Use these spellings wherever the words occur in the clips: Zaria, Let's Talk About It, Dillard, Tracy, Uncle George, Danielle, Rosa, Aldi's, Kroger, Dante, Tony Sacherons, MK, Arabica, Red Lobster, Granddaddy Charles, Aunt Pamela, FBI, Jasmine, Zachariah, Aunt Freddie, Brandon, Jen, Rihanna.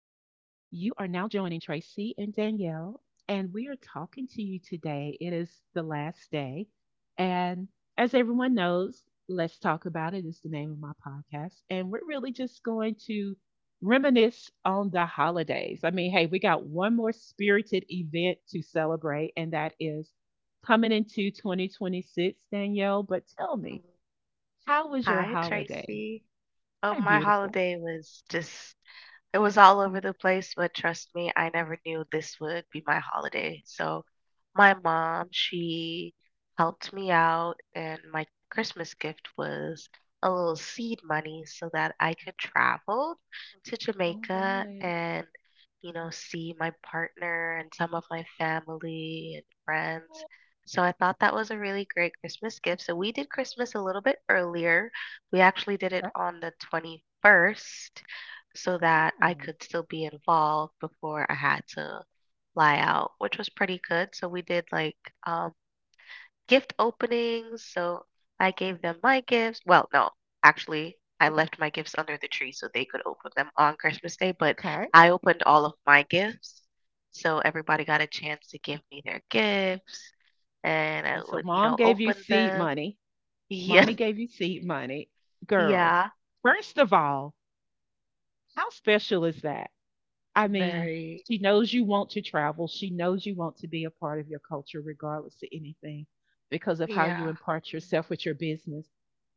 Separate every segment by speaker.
Speaker 1: You are now joining Tracy and Danielle, and we are talking to you today. It is the last day. And as everyone knows, Let's Talk About It is the name of my podcast. And we're really just going to reminisce on the holidays. I mean, hey, we got one more spirited event to celebrate, and that is coming into 2026, Danielle. But tell me,
Speaker 2: Mm.
Speaker 1: how was your
Speaker 2: Hi,
Speaker 1: holiday?
Speaker 2: Tracy. Oh,
Speaker 1: So
Speaker 2: my
Speaker 1: beautiful.
Speaker 2: holiday was just it was all over the place, but trust me, I never knew this would be my holiday. So my mom, she helped me out, and my Christmas gift was a little seed money so that I could travel to
Speaker 1: All
Speaker 2: Jamaica
Speaker 1: right.
Speaker 2: and, you know, see my partner and some of my family and friends. So I thought that was a really great Christmas gift. So we did Christmas a little bit earlier. We actually did it
Speaker 1: Okay.
Speaker 2: on the 21st so that I
Speaker 1: Hmm.
Speaker 2: could still be involved before I had to fly out, which was pretty good. So we did like um, gift openings. So I gave them my gifts. Well, no, actually, I
Speaker 1: Okay. Okay.
Speaker 2: left my gifts under the tree so they could open them on Christmas Day, but I opened all of my gifts. So everybody got a chance to give me their gifts and
Speaker 1: Okay,
Speaker 2: I
Speaker 1: so
Speaker 2: would, you
Speaker 1: mom
Speaker 2: know,
Speaker 1: gave you
Speaker 2: open
Speaker 1: seed
Speaker 2: them.
Speaker 1: money.
Speaker 2: Yeah.
Speaker 1: Mommy gave you seed money. Girl,
Speaker 2: Yeah.
Speaker 1: first of all, how special is that? I mean,
Speaker 2: Very.
Speaker 1: she knows you want to travel. She knows you want to be a part of your culture, regardless of anything, because of how you
Speaker 2: Yeah.
Speaker 1: impart yourself with your business.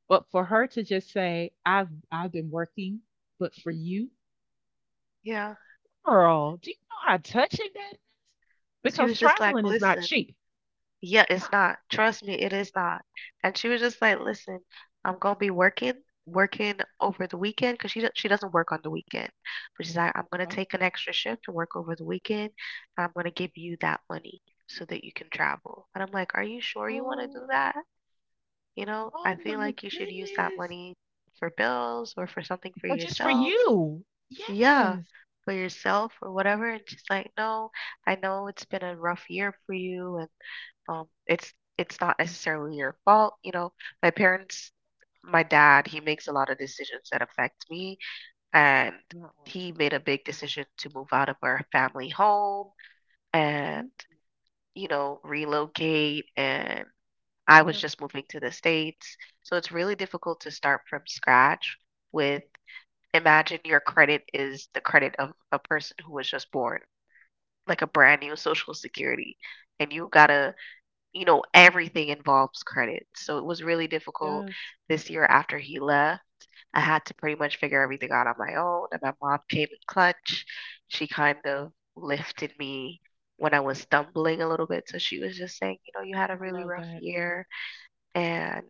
Speaker 1: But for her to just say, I've been working, but for you,
Speaker 2: Yeah.
Speaker 1: girl, do you know how touching that is?
Speaker 2: She
Speaker 1: Because
Speaker 2: was just like,
Speaker 1: traveling is not
Speaker 2: listen.
Speaker 1: cheap.
Speaker 2: Yeah, it's not. Trust me, it is not. And she was just like, "Listen, I'm gonna be working, working over the weekend, 'cause she doesn't work on the weekend. But she's like, I'm gonna
Speaker 1: Uh-uh.
Speaker 2: take an extra shift to work over the weekend, and I'm gonna give you that money so that you can travel." And I'm like, "Are you sure you want to
Speaker 1: Oh.
Speaker 2: do that? You know,
Speaker 1: Oh
Speaker 2: I feel
Speaker 1: my
Speaker 2: like you should use that
Speaker 1: goodness.
Speaker 2: money for bills or for something for
Speaker 1: Or just for
Speaker 2: yourself.
Speaker 1: you.
Speaker 2: Yeah,
Speaker 1: Yes.
Speaker 2: for yourself or whatever." And she's like, "No, I know it's been a rough year for you, and." It's not necessarily your fault, you know. My parents, my dad, he makes a lot of decisions that affect me, and
Speaker 1: mm
Speaker 2: he made a big decision to move out of our family home
Speaker 1: Mhm.
Speaker 2: and, you know, relocate and I was
Speaker 1: Yeah.
Speaker 2: just moving to the States. So it's really difficult to start from scratch with imagine your credit is the credit of a person who was just born, like a brand new social security, and you
Speaker 1: Yeah.
Speaker 2: gotta you know, everything involves credit. So it was really difficult
Speaker 1: Does.
Speaker 2: this year after he left. I had to pretty much figure everything out on my own, and my mom came in clutch. She kind of lifted me when I was stumbling a little bit. So she was just saying, you know, you had a
Speaker 1: I
Speaker 2: really
Speaker 1: love
Speaker 2: rough
Speaker 1: that.
Speaker 2: year, and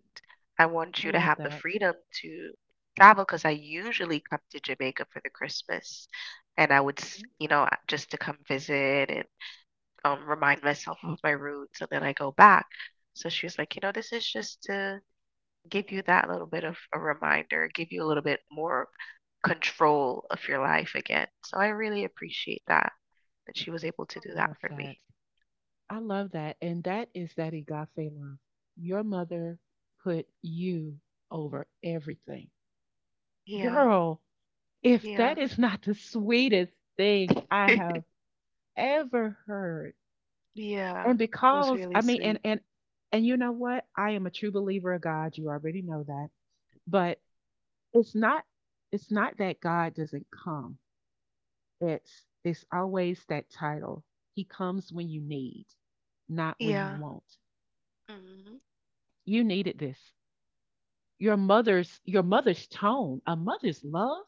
Speaker 2: I want
Speaker 1: I
Speaker 2: you to
Speaker 1: love
Speaker 2: have the
Speaker 1: that.
Speaker 2: freedom to travel because I usually come to Jamaica for the Christmas, and I would, s-
Speaker 1: Mhm.
Speaker 2: you know, just to come visit and remind myself of my roots and then I go back. So she was like, you know, this is just to give you that little bit of a reminder, give you a little bit more control of your life again. So I really appreciate that that she was able to
Speaker 1: I
Speaker 2: do that
Speaker 1: love
Speaker 2: for me.
Speaker 1: that. I love that. And that is that agape love. Your mother put you over everything.
Speaker 2: Yeah,
Speaker 1: Girl, if
Speaker 2: yeah,
Speaker 1: that is not the sweetest thing I have ever heard.
Speaker 2: yeah.
Speaker 1: And
Speaker 2: It was
Speaker 1: because
Speaker 2: really
Speaker 1: I mean
Speaker 2: sweet.
Speaker 1: and you know what? I am a true believer of God. You already know that. But it's not it's not that God doesn't come. It's always that title. He comes when you need, not when you
Speaker 2: Yeah.
Speaker 1: want.
Speaker 2: Hmm.
Speaker 1: You needed this. Your mother's tone, a mother's love.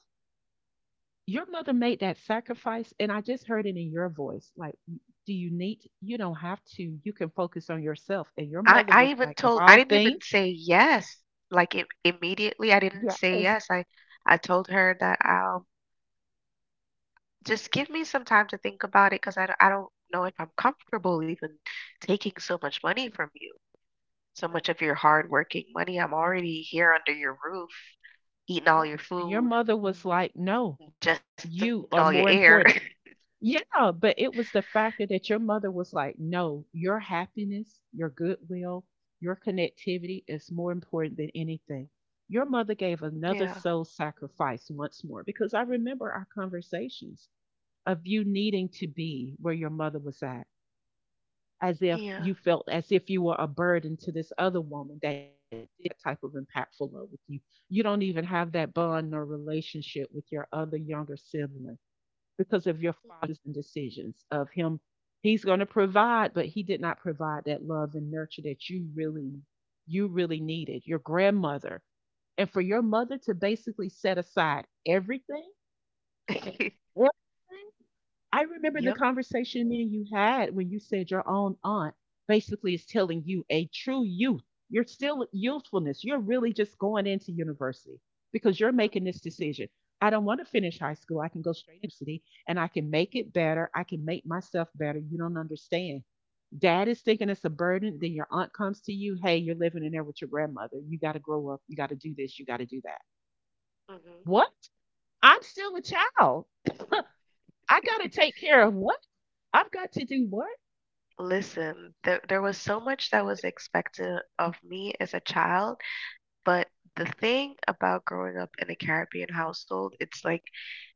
Speaker 1: Your mother made that sacrifice and I just heard it in your voice like do you need you don't have to. You can focus on yourself. And your
Speaker 2: I
Speaker 1: mother
Speaker 2: I
Speaker 1: was
Speaker 2: even
Speaker 1: like of
Speaker 2: told I
Speaker 1: all
Speaker 2: didn't even
Speaker 1: things,
Speaker 2: say yes. Like it, immediately, I didn't say
Speaker 1: yes.
Speaker 2: yes. I told her that just give me some time to think about it because I don't know if I'm comfortable even taking so much money from you, so much of your hard-working money. I'm already here under your roof, eating all your
Speaker 1: And your
Speaker 2: food,
Speaker 1: mother was like, "No,
Speaker 2: ingesting all your air.
Speaker 1: you are more important. Yeah, but it was the factor that your mother was like, no, your happiness, your goodwill, your connectivity is more important than anything. Your mother gave
Speaker 2: Yeah,
Speaker 1: another soul sacrifice once more because I remember our conversations of you needing to be where your mother was at, as
Speaker 2: yeah.
Speaker 1: if you felt as if you were a burden to this other woman that did that type of impactful love with you. You don't even have that bond or relationship with your other younger sibling because of your fathers and decisions of him, he's going to provide but he did not provide that love and nurture that you really needed your grandmother. And for your mother to basically set aside everything, everything. I remember the
Speaker 2: Yep.
Speaker 1: conversation me and you had when you said your own aunt basically is telling you a true youth, you're still youthfulness, you're really just going into university, because you're
Speaker 2: Mm.
Speaker 1: making this decision, I don't want to finish high school, I can go university and I can make it better. I can make myself better. You don't understand. Dad is thinking it's a burden. Then your aunt comes to you. Hey, you're living in there with your grandmother. You got to grow up. You got to do this. You got to do that.
Speaker 2: Mhm.
Speaker 1: What? I'm still a child. I got to take care of what? I've got to do what?
Speaker 2: Listen, there was so much that was expected of me as a child. But the thing about growing up in a Caribbean household, it's like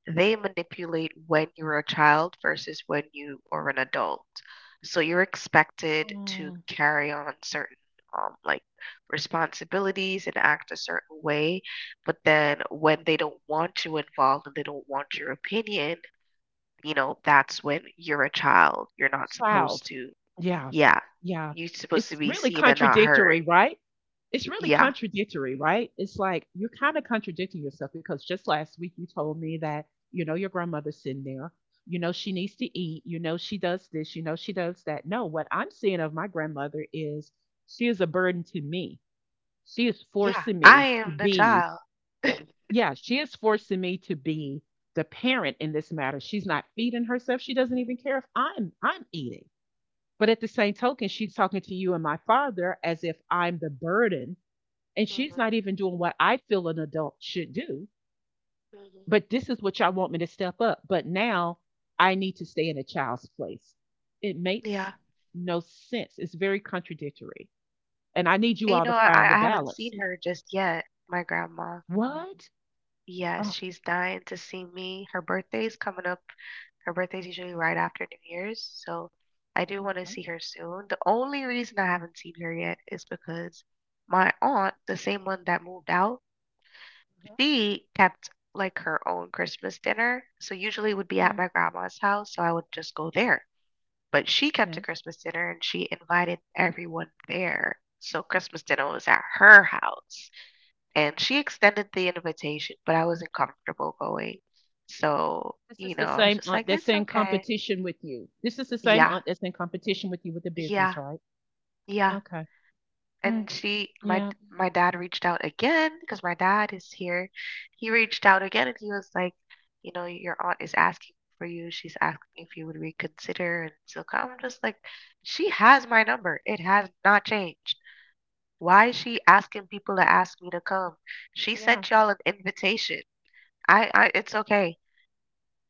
Speaker 2: they manipulate when you're a child versus when you are an adult. So you're expected to
Speaker 1: Oh.
Speaker 2: carry on certain like responsibilities and act a certain way. But then when they don't want you involved and they don't want your opinion, you know, that's when you're a child. You're not supposed
Speaker 1: Child.
Speaker 2: to,
Speaker 1: Yeah.
Speaker 2: yeah,
Speaker 1: Yeah.
Speaker 2: you're supposed to
Speaker 1: It's
Speaker 2: be
Speaker 1: really
Speaker 2: seen and not heard.
Speaker 1: contradictory, right? It's really
Speaker 2: Yeah.
Speaker 1: contradictory, right? It's like you're kind of contradicting yourself because just last week you told me that, you know, your grandmother's sitting there. You know, she needs to eat. You know, she does this. You know, she does that. No, what I'm seeing of my grandmother is she is a burden to me. She is
Speaker 2: Yeah,
Speaker 1: forcing
Speaker 2: I
Speaker 1: me to
Speaker 2: am the
Speaker 1: be,
Speaker 2: child.
Speaker 1: yeah, she is forcing me to be the parent in this matter. She's not feeding herself. She doesn't even care if I'm eating. But at the same token, she's talking to you and my father as if I'm the burden, and she's
Speaker 2: Mhm.
Speaker 1: not even doing what I feel an adult should do.
Speaker 2: Mhm.
Speaker 1: But this is what y'all want me to step up. But now I need to stay in a child's place. It makes
Speaker 2: Yeah.
Speaker 1: no sense. It's very contradictory. And I need you
Speaker 2: And you
Speaker 1: all to
Speaker 2: know,
Speaker 1: find a
Speaker 2: I haven't
Speaker 1: balance.
Speaker 2: seen her just yet, my grandma.
Speaker 1: What?
Speaker 2: Yes,
Speaker 1: Oh,
Speaker 2: she's dying to see me. Her birthday's coming up. Her birthday's usually right after New Year's, so I do want to
Speaker 1: right.
Speaker 2: see her soon. The only reason I haven't seen her yet is because my aunt, the same one that moved out,
Speaker 1: Mhm.
Speaker 2: she kept like her own Christmas dinner. So usually it would be at
Speaker 1: Mm,
Speaker 2: my grandma's house, so I would just go there. But she kept a
Speaker 1: yes.
Speaker 2: Christmas dinner and she invited everyone there. So Christmas dinner was at her house. And she extended the invitation, but I wasn't comfortable going. So,
Speaker 1: This is
Speaker 2: you
Speaker 1: the
Speaker 2: know, I was
Speaker 1: same
Speaker 2: just
Speaker 1: aunt
Speaker 2: like,
Speaker 1: that's
Speaker 2: it's
Speaker 1: in
Speaker 2: okay.
Speaker 1: competition with you. This is the same
Speaker 2: Yeah,
Speaker 1: aunt that's in competition with you with the business,
Speaker 2: yeah,
Speaker 1: right?
Speaker 2: yeah.
Speaker 1: Okay. Mm,
Speaker 2: And she, my
Speaker 1: yeah.
Speaker 2: my dad reached out again because my dad is here. He reached out again and he was like, you know, your aunt is asking for you. She's asking if you would reconsider and so come. I'm just like, she has my number. It has not changed. Why is she asking people to ask me to come? She
Speaker 1: Yeah.
Speaker 2: sent y'all an invitation. It's okay.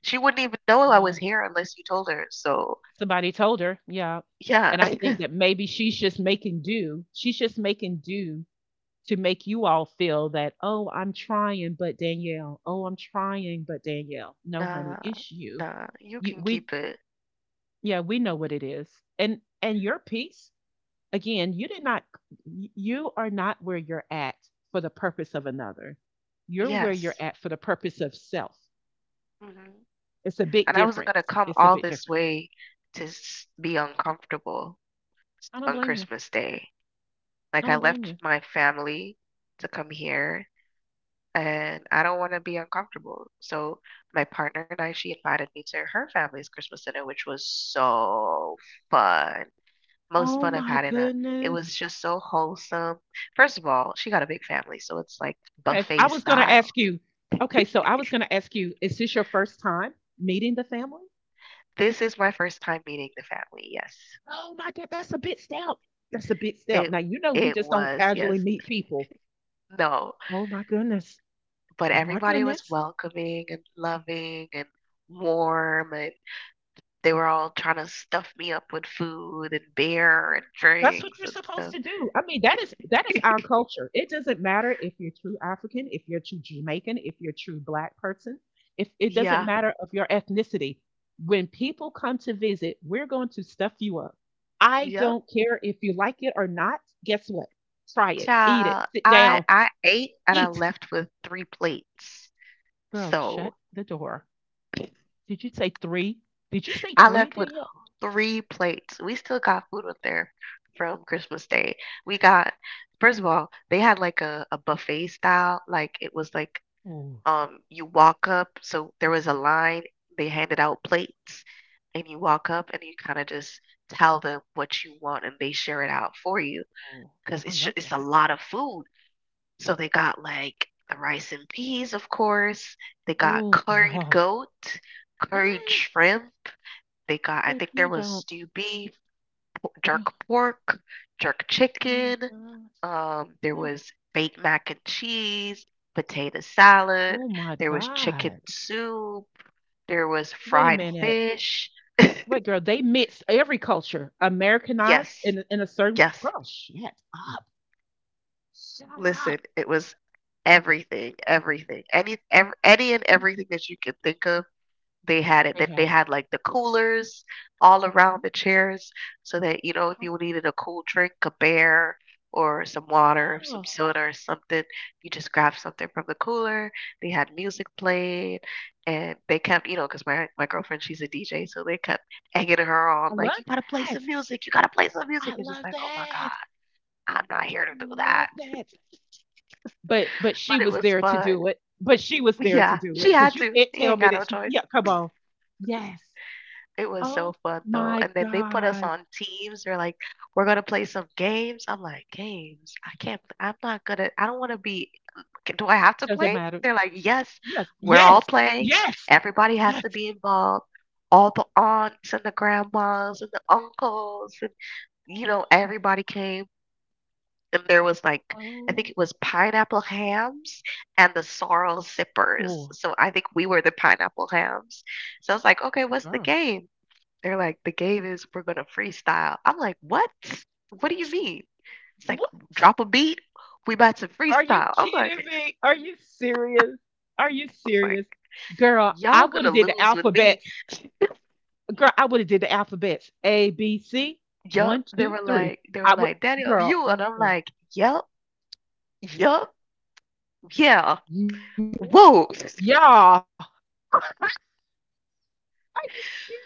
Speaker 2: She wouldn't even know I was
Speaker 1: Wow.
Speaker 2: here unless you told her. So,
Speaker 1: Somebody told her, yeah.
Speaker 2: yeah,
Speaker 1: And I think that maybe she's just making do. She's just making do to make you all feel that, oh, I'm trying, but Danielle. Oh, I'm trying, but Danielle. No, honey,
Speaker 2: nah,
Speaker 1: it's you.
Speaker 2: nah, you
Speaker 1: You
Speaker 2: can
Speaker 1: we
Speaker 2: keep it.
Speaker 1: Yeah, we know what it is. And your piece, again, you did not you are not where you're at for the purpose of another. You're where you're
Speaker 2: Yes.
Speaker 1: at for the purpose of self.
Speaker 2: Hmm.
Speaker 1: It's a big
Speaker 2: And I wasn't gonna
Speaker 1: difference.
Speaker 2: come
Speaker 1: It's a
Speaker 2: all
Speaker 1: big
Speaker 2: this
Speaker 1: difference.
Speaker 2: way be uncomfortable
Speaker 1: I don't
Speaker 2: on
Speaker 1: blame you.
Speaker 2: Christmas Day. Like,
Speaker 1: I
Speaker 2: I
Speaker 1: don't blame
Speaker 2: left
Speaker 1: you.
Speaker 2: my family to come here and I don't want to be uncomfortable. So my partner and I, she invited me to her family's Christmas dinner, which was so fun. Most fun
Speaker 1: Oh
Speaker 2: I've
Speaker 1: my
Speaker 2: had in a. It was
Speaker 1: goodness.
Speaker 2: just so wholesome. First of all, she got a big family, so it's like
Speaker 1: I
Speaker 2: buffet
Speaker 1: was going to
Speaker 2: style.
Speaker 1: ask you. Okay, so I was going to ask you, is this your first time meeting the family?
Speaker 2: This is my first time meeting the family. Yes,
Speaker 1: Oh my God, that's a big step. That's a big step.
Speaker 2: it
Speaker 1: Now, you know, we
Speaker 2: it
Speaker 1: just don't
Speaker 2: was yes
Speaker 1: casually meet people.
Speaker 2: no,
Speaker 1: Oh my goodness.
Speaker 2: but
Speaker 1: Oh my
Speaker 2: everybody was
Speaker 1: goodness.
Speaker 2: welcoming and loving and warm and they were all trying to stuff me up with food and beer and
Speaker 1: That's what
Speaker 2: drinks
Speaker 1: you're
Speaker 2: and
Speaker 1: supposed
Speaker 2: stuff.
Speaker 1: to do. I mean, that is our culture. It doesn't matter if you're true African, if you're true Jamaican, if you're true black person. If it doesn't
Speaker 2: Yeah.
Speaker 1: matter of your ethnicity. When people come to visit, we're going to stuff you up. I
Speaker 2: Yep.
Speaker 1: don't care if you like it or not. Guess what? Try it. Eat it.
Speaker 2: Child,
Speaker 1: Sit
Speaker 2: I
Speaker 1: down.
Speaker 2: I ate and I
Speaker 1: Eat.
Speaker 2: left with three plates.
Speaker 1: Girl, shut
Speaker 2: So
Speaker 1: the door. Did you say three? Did you say
Speaker 2: I
Speaker 1: three,
Speaker 2: left with
Speaker 1: Danielle?
Speaker 2: three plates. We still got food up there from Christmas Day. We got first of all, they had like a buffet style, like it was like
Speaker 1: Oh,
Speaker 2: you walk up, so there was a line, they handed out plates and you walk up and you kind of just tell them what you want and they share it out for you
Speaker 1: oh,
Speaker 2: because
Speaker 1: I love
Speaker 2: it's a
Speaker 1: that.
Speaker 2: lot of food. So they got like the rice and peas, of course. They got
Speaker 1: Oh,
Speaker 2: curried
Speaker 1: girl.
Speaker 2: goat, curried
Speaker 1: Mm,
Speaker 2: shrimp. They got, I
Speaker 1: if
Speaker 2: think there
Speaker 1: you
Speaker 2: was
Speaker 1: don't.
Speaker 2: stewed beef, jerk pork, jerk
Speaker 1: Oh my
Speaker 2: chicken.
Speaker 1: gosh.
Speaker 2: There
Speaker 1: Eh.
Speaker 2: was baked mac and cheese, potato salad.
Speaker 1: Oh my
Speaker 2: There was chicken
Speaker 1: god.
Speaker 2: soup. There was
Speaker 1: Wait a
Speaker 2: fried
Speaker 1: minute.
Speaker 2: fish.
Speaker 1: Wait, girl, they mixed every culture, Americanized
Speaker 2: Yes,
Speaker 1: in a certain way.
Speaker 2: yes.
Speaker 1: Girl, shut up. Shut
Speaker 2: Listen,
Speaker 1: up.
Speaker 2: it was everything, any and
Speaker 1: Mm,
Speaker 2: everything that you can think of. They had it
Speaker 1: they
Speaker 2: that they
Speaker 1: had it.
Speaker 2: had, like, the coolers all around
Speaker 1: Mhm.
Speaker 2: the chairs so that, you know, if
Speaker 1: Oh,
Speaker 2: you needed a cool drink, a beer or some water, some
Speaker 1: yeah.
Speaker 2: soda or something, you just grab something from the cooler. They had music playing, and they kept you know because my girlfriend, she's a DJ, so they kept egging her on,
Speaker 1: I
Speaker 2: like,
Speaker 1: love
Speaker 2: "You gotta play some
Speaker 1: that.
Speaker 2: music, you gotta play some
Speaker 1: I
Speaker 2: music," and she's
Speaker 1: love
Speaker 2: like, "Oh my
Speaker 1: that.
Speaker 2: god, I'm not here to do that."
Speaker 1: Love that. But she
Speaker 2: But it
Speaker 1: was
Speaker 2: was
Speaker 1: there to
Speaker 2: fun.
Speaker 1: do it. But she was there to
Speaker 2: Yeah,
Speaker 1: do
Speaker 2: she
Speaker 1: it because
Speaker 2: had
Speaker 1: you
Speaker 2: to.
Speaker 1: can't
Speaker 2: He
Speaker 1: tell
Speaker 2: ain't
Speaker 1: me
Speaker 2: got
Speaker 1: that
Speaker 2: no
Speaker 1: she.
Speaker 2: choice.
Speaker 1: Yeah, come on. Yes.
Speaker 2: It was so
Speaker 1: Oh
Speaker 2: fun though,
Speaker 1: my
Speaker 2: and then they put us
Speaker 1: God.
Speaker 2: on teams. They're like, "We're gonna play some games." I'm like, "Games? I can't. I'm not gonna. I don't want to be. Do I have to
Speaker 1: Doesn't
Speaker 2: play?"
Speaker 1: matter.
Speaker 2: They're like, "Yes,
Speaker 1: Yes,
Speaker 2: we're all
Speaker 1: yes,
Speaker 2: playing.
Speaker 1: yes,
Speaker 2: Everybody has
Speaker 1: yes.
Speaker 2: to be involved. All the aunts and the grandmas and the uncles and you know everybody came." And there was like, I think
Speaker 1: Oh,
Speaker 2: it was pineapple hams and the sorrel sippers.
Speaker 1: oh,
Speaker 2: So I think we were the pineapple hams. So I was like, okay, what's the
Speaker 1: girl.
Speaker 2: game? They're like, the game is we're gonna freestyle. I'm like, what? What do you mean? It's like
Speaker 1: What?
Speaker 2: drop a beat. We about to
Speaker 1: Are you
Speaker 2: freestyle. I'm
Speaker 1: kidding
Speaker 2: like,
Speaker 1: me? Are you serious? Are you
Speaker 2: I'm like
Speaker 1: serious? Girl, I
Speaker 2: y'all
Speaker 1: would
Speaker 2: gonna
Speaker 1: have did the
Speaker 2: lose with me.
Speaker 1: alphabets. Girl, I would have did the alphabets. A, B, C. One,
Speaker 2: Yup.
Speaker 1: two, three.
Speaker 2: They were
Speaker 1: I would
Speaker 2: like, Daniel,
Speaker 1: Girl,
Speaker 2: you
Speaker 1: are
Speaker 2: and I'm
Speaker 1: you
Speaker 2: like, yup, yup, yeah.
Speaker 1: serious? What?
Speaker 2: Whoa.
Speaker 1: Y'all. Are you serious?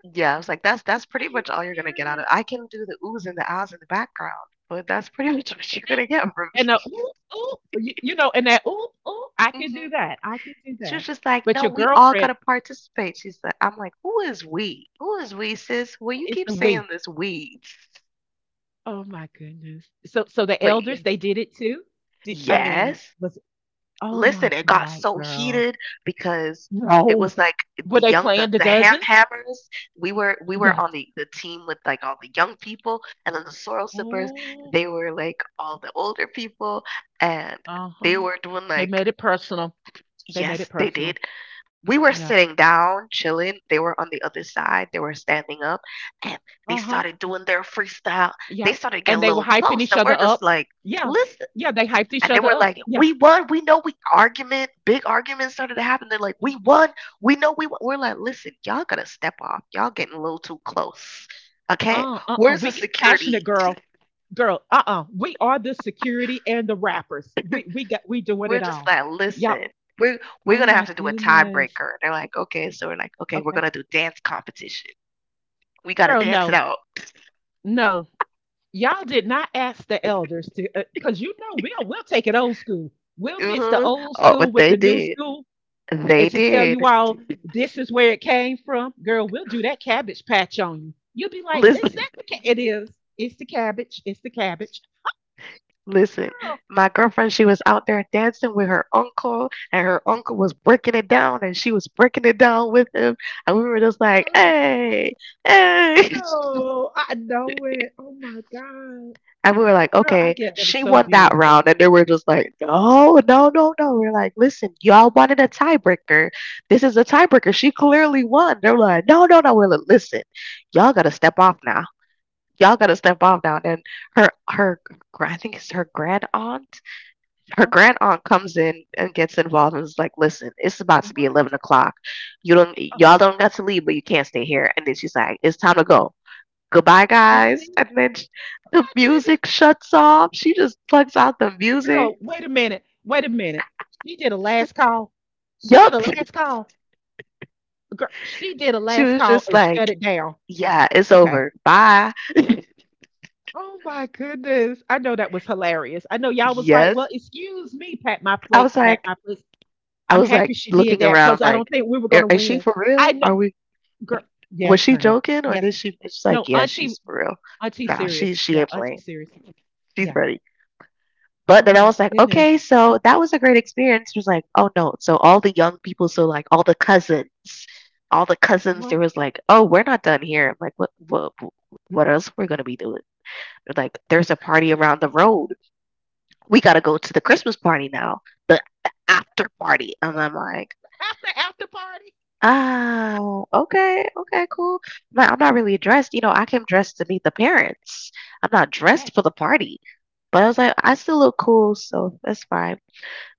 Speaker 2: Yeah, I was like, that's
Speaker 1: Are
Speaker 2: pretty
Speaker 1: you
Speaker 2: much all you're gonna
Speaker 1: serious?
Speaker 2: get out of it. I can do the oohs and the ahs in the background, but that's pretty much what you're
Speaker 1: Thank
Speaker 2: gonna
Speaker 1: you.
Speaker 2: get from
Speaker 1: And the ooh, ooh, you know, and that ooh, ooh, I can do
Speaker 2: me.
Speaker 1: that. I can do
Speaker 2: She
Speaker 1: that.
Speaker 2: was just like,
Speaker 1: But
Speaker 2: "No,
Speaker 1: your
Speaker 2: we all
Speaker 1: girlfriend,
Speaker 2: gotta participate." She said, "I'm like, who is we? Who is we, sis?
Speaker 1: who
Speaker 2: Well,
Speaker 1: is
Speaker 2: you
Speaker 1: the
Speaker 2: keep
Speaker 1: we?
Speaker 2: saying this we,
Speaker 1: Oh my goodness. So the
Speaker 2: but
Speaker 1: elders, they
Speaker 2: yes,
Speaker 1: did it too? Did I mean,
Speaker 2: yes.
Speaker 1: was Oh my
Speaker 2: Listen, it got
Speaker 1: God,
Speaker 2: so
Speaker 1: girl.
Speaker 2: heated because it
Speaker 1: No.
Speaker 2: was like
Speaker 1: Were
Speaker 2: the
Speaker 1: they
Speaker 2: young, the,
Speaker 1: playing the
Speaker 2: the ham
Speaker 1: dozens?
Speaker 2: hammers. We were
Speaker 1: Yes.
Speaker 2: on the team with like all the young people, and then the sorrel sippers.
Speaker 1: Ooh,
Speaker 2: They were like all the older people, and they
Speaker 1: uh-huh.
Speaker 2: were doing
Speaker 1: They
Speaker 2: like
Speaker 1: made it personal. They made it
Speaker 2: Yes, they
Speaker 1: personal.
Speaker 2: did. We were
Speaker 1: Yep.
Speaker 2: sitting down, chilling. They were on the other side. They were standing up and they
Speaker 1: Uh-huh.
Speaker 2: started doing their freestyle. They
Speaker 1: Yep.
Speaker 2: started getting
Speaker 1: And
Speaker 2: a
Speaker 1: they were
Speaker 2: little
Speaker 1: hyping
Speaker 2: close
Speaker 1: each
Speaker 2: and we're
Speaker 1: other
Speaker 2: just
Speaker 1: up.
Speaker 2: like,
Speaker 1: Yeah.
Speaker 2: listen.
Speaker 1: Yeah, they hyped each
Speaker 2: And they
Speaker 1: other
Speaker 2: were
Speaker 1: up.
Speaker 2: like,
Speaker 1: Yeah.
Speaker 2: we won. We know we argument, big argument started to happen. They're like, we
Speaker 1: What?
Speaker 2: won. We know we won. We're like, listen, y'all gotta step off. Y'all getting a little too close. Okay?
Speaker 1: Uh-uh.
Speaker 2: Where's the
Speaker 1: We get
Speaker 2: security?
Speaker 1: passionate, girl. Girl, uh-uh. We are the security and the rappers. We got, we doing
Speaker 2: We're
Speaker 1: it
Speaker 2: just
Speaker 1: all.
Speaker 2: like,
Speaker 1: Yeah,
Speaker 2: listen. We're, we're
Speaker 1: oh
Speaker 2: gonna
Speaker 1: my
Speaker 2: have to do a
Speaker 1: goodness.
Speaker 2: tiebreaker. They're like, okay, so we're like, okay, we're
Speaker 1: Okay.
Speaker 2: gonna do dance competition. We gotta
Speaker 1: Girl,
Speaker 2: dance it
Speaker 1: no.
Speaker 2: out.
Speaker 1: No. Y'all did not ask the elders to cuz you know we'll take it old school. We'll mix the
Speaker 2: hmm
Speaker 1: old
Speaker 2: Oh,
Speaker 1: school
Speaker 2: but
Speaker 1: with
Speaker 2: they
Speaker 1: the new
Speaker 2: did.
Speaker 1: school
Speaker 2: They
Speaker 1: and to tell
Speaker 2: did.
Speaker 1: you all this is where it came from. Girl, we'll do that cabbage patch on you. You'll be like, "Is
Speaker 2: Listen,
Speaker 1: that the it is. It's the cabbage. It's the cabbage."
Speaker 2: listen.
Speaker 1: Girl,
Speaker 2: My girlfriend, she was out there dancing with her uncle, and her uncle was breaking it down, and she was breaking it down with him. And we were just like, hey, hey.
Speaker 1: oh, I know it. Oh my god.
Speaker 2: And we were like,
Speaker 1: Girl, I
Speaker 2: okay,
Speaker 1: get that
Speaker 2: she
Speaker 1: was so
Speaker 2: won that
Speaker 1: beautiful.
Speaker 2: round. And they were just like, no, no, no, no. We are like, listen, y'all wanted a tiebreaker. This is a tiebreaker. She clearly won. They were like, no, no, no. We're like, listen, y'all gotta step off now. And her, her, I think it's her grand aunt. Her
Speaker 1: Huh?
Speaker 2: grand aunt comes in and gets involved and is like, "Listen, it's about to be eleven
Speaker 1: What?
Speaker 2: o'clock. You don't, y'all don't got to leave, but you can't stay here." And then she's like, "It's time to go. Goodbye, guys."
Speaker 1: Really?
Speaker 2: And then
Speaker 1: Oh
Speaker 2: the
Speaker 1: my goodness.
Speaker 2: music shuts off. She just plugs out the music.
Speaker 1: Girl, wait a minute. Wait a minute. She did a last call. She did a
Speaker 2: Yup.
Speaker 1: last call. Girl, she did a
Speaker 2: She
Speaker 1: last
Speaker 2: was
Speaker 1: call
Speaker 2: just
Speaker 1: and shut
Speaker 2: like,
Speaker 1: it down.
Speaker 2: "Yeah, it's
Speaker 1: Okay.
Speaker 2: over. Bye."
Speaker 1: Oh my goodness. I know that was hilarious. I know y'all was like, well,
Speaker 2: Yes.
Speaker 1: excuse me, pat my
Speaker 2: I was
Speaker 1: plates, pat
Speaker 2: like,
Speaker 1: my plates.
Speaker 2: I
Speaker 1: I'm
Speaker 2: was like
Speaker 1: happy she did
Speaker 2: looking
Speaker 1: that
Speaker 2: around,
Speaker 1: because I don't
Speaker 2: like,
Speaker 1: think we were gonna
Speaker 2: "Is she
Speaker 1: win.
Speaker 2: for real?
Speaker 1: I know,
Speaker 2: Are we?"
Speaker 1: girl.
Speaker 2: Was
Speaker 1: Yes,
Speaker 2: she
Speaker 1: honey.
Speaker 2: joking or
Speaker 1: Yes.
Speaker 2: did she it's like,
Speaker 1: No,
Speaker 2: "Yeah,
Speaker 1: Auntie
Speaker 2: she's for real." Nah,
Speaker 1: Serious.
Speaker 2: she
Speaker 1: Yeah,
Speaker 2: ain't
Speaker 1: Auntie
Speaker 2: playing.
Speaker 1: serious.
Speaker 2: She's
Speaker 1: Yeah.
Speaker 2: ready. But
Speaker 1: Oh
Speaker 2: then I
Speaker 1: my
Speaker 2: was like,
Speaker 1: goodness.
Speaker 2: "Okay, so that was a great experience." She was like, "Oh, no." So all the young people, all the
Speaker 1: Oh
Speaker 2: cousins,
Speaker 1: my
Speaker 2: there was like, "Oh, we're not done here." I'm like, "What what else we're gonna be doing?" They're like, "There's a party
Speaker 1: goodness.
Speaker 2: around the road. We gotta go to the Christmas party now, the after party." And I'm like,
Speaker 1: After party.
Speaker 2: Oh, okay, okay, cool. But I'm not really dressed. You know, I came dressed to meet the parents. I'm not
Speaker 1: Yes,
Speaker 2: dressed for the party. But I was like, I still look cool, so that's fine.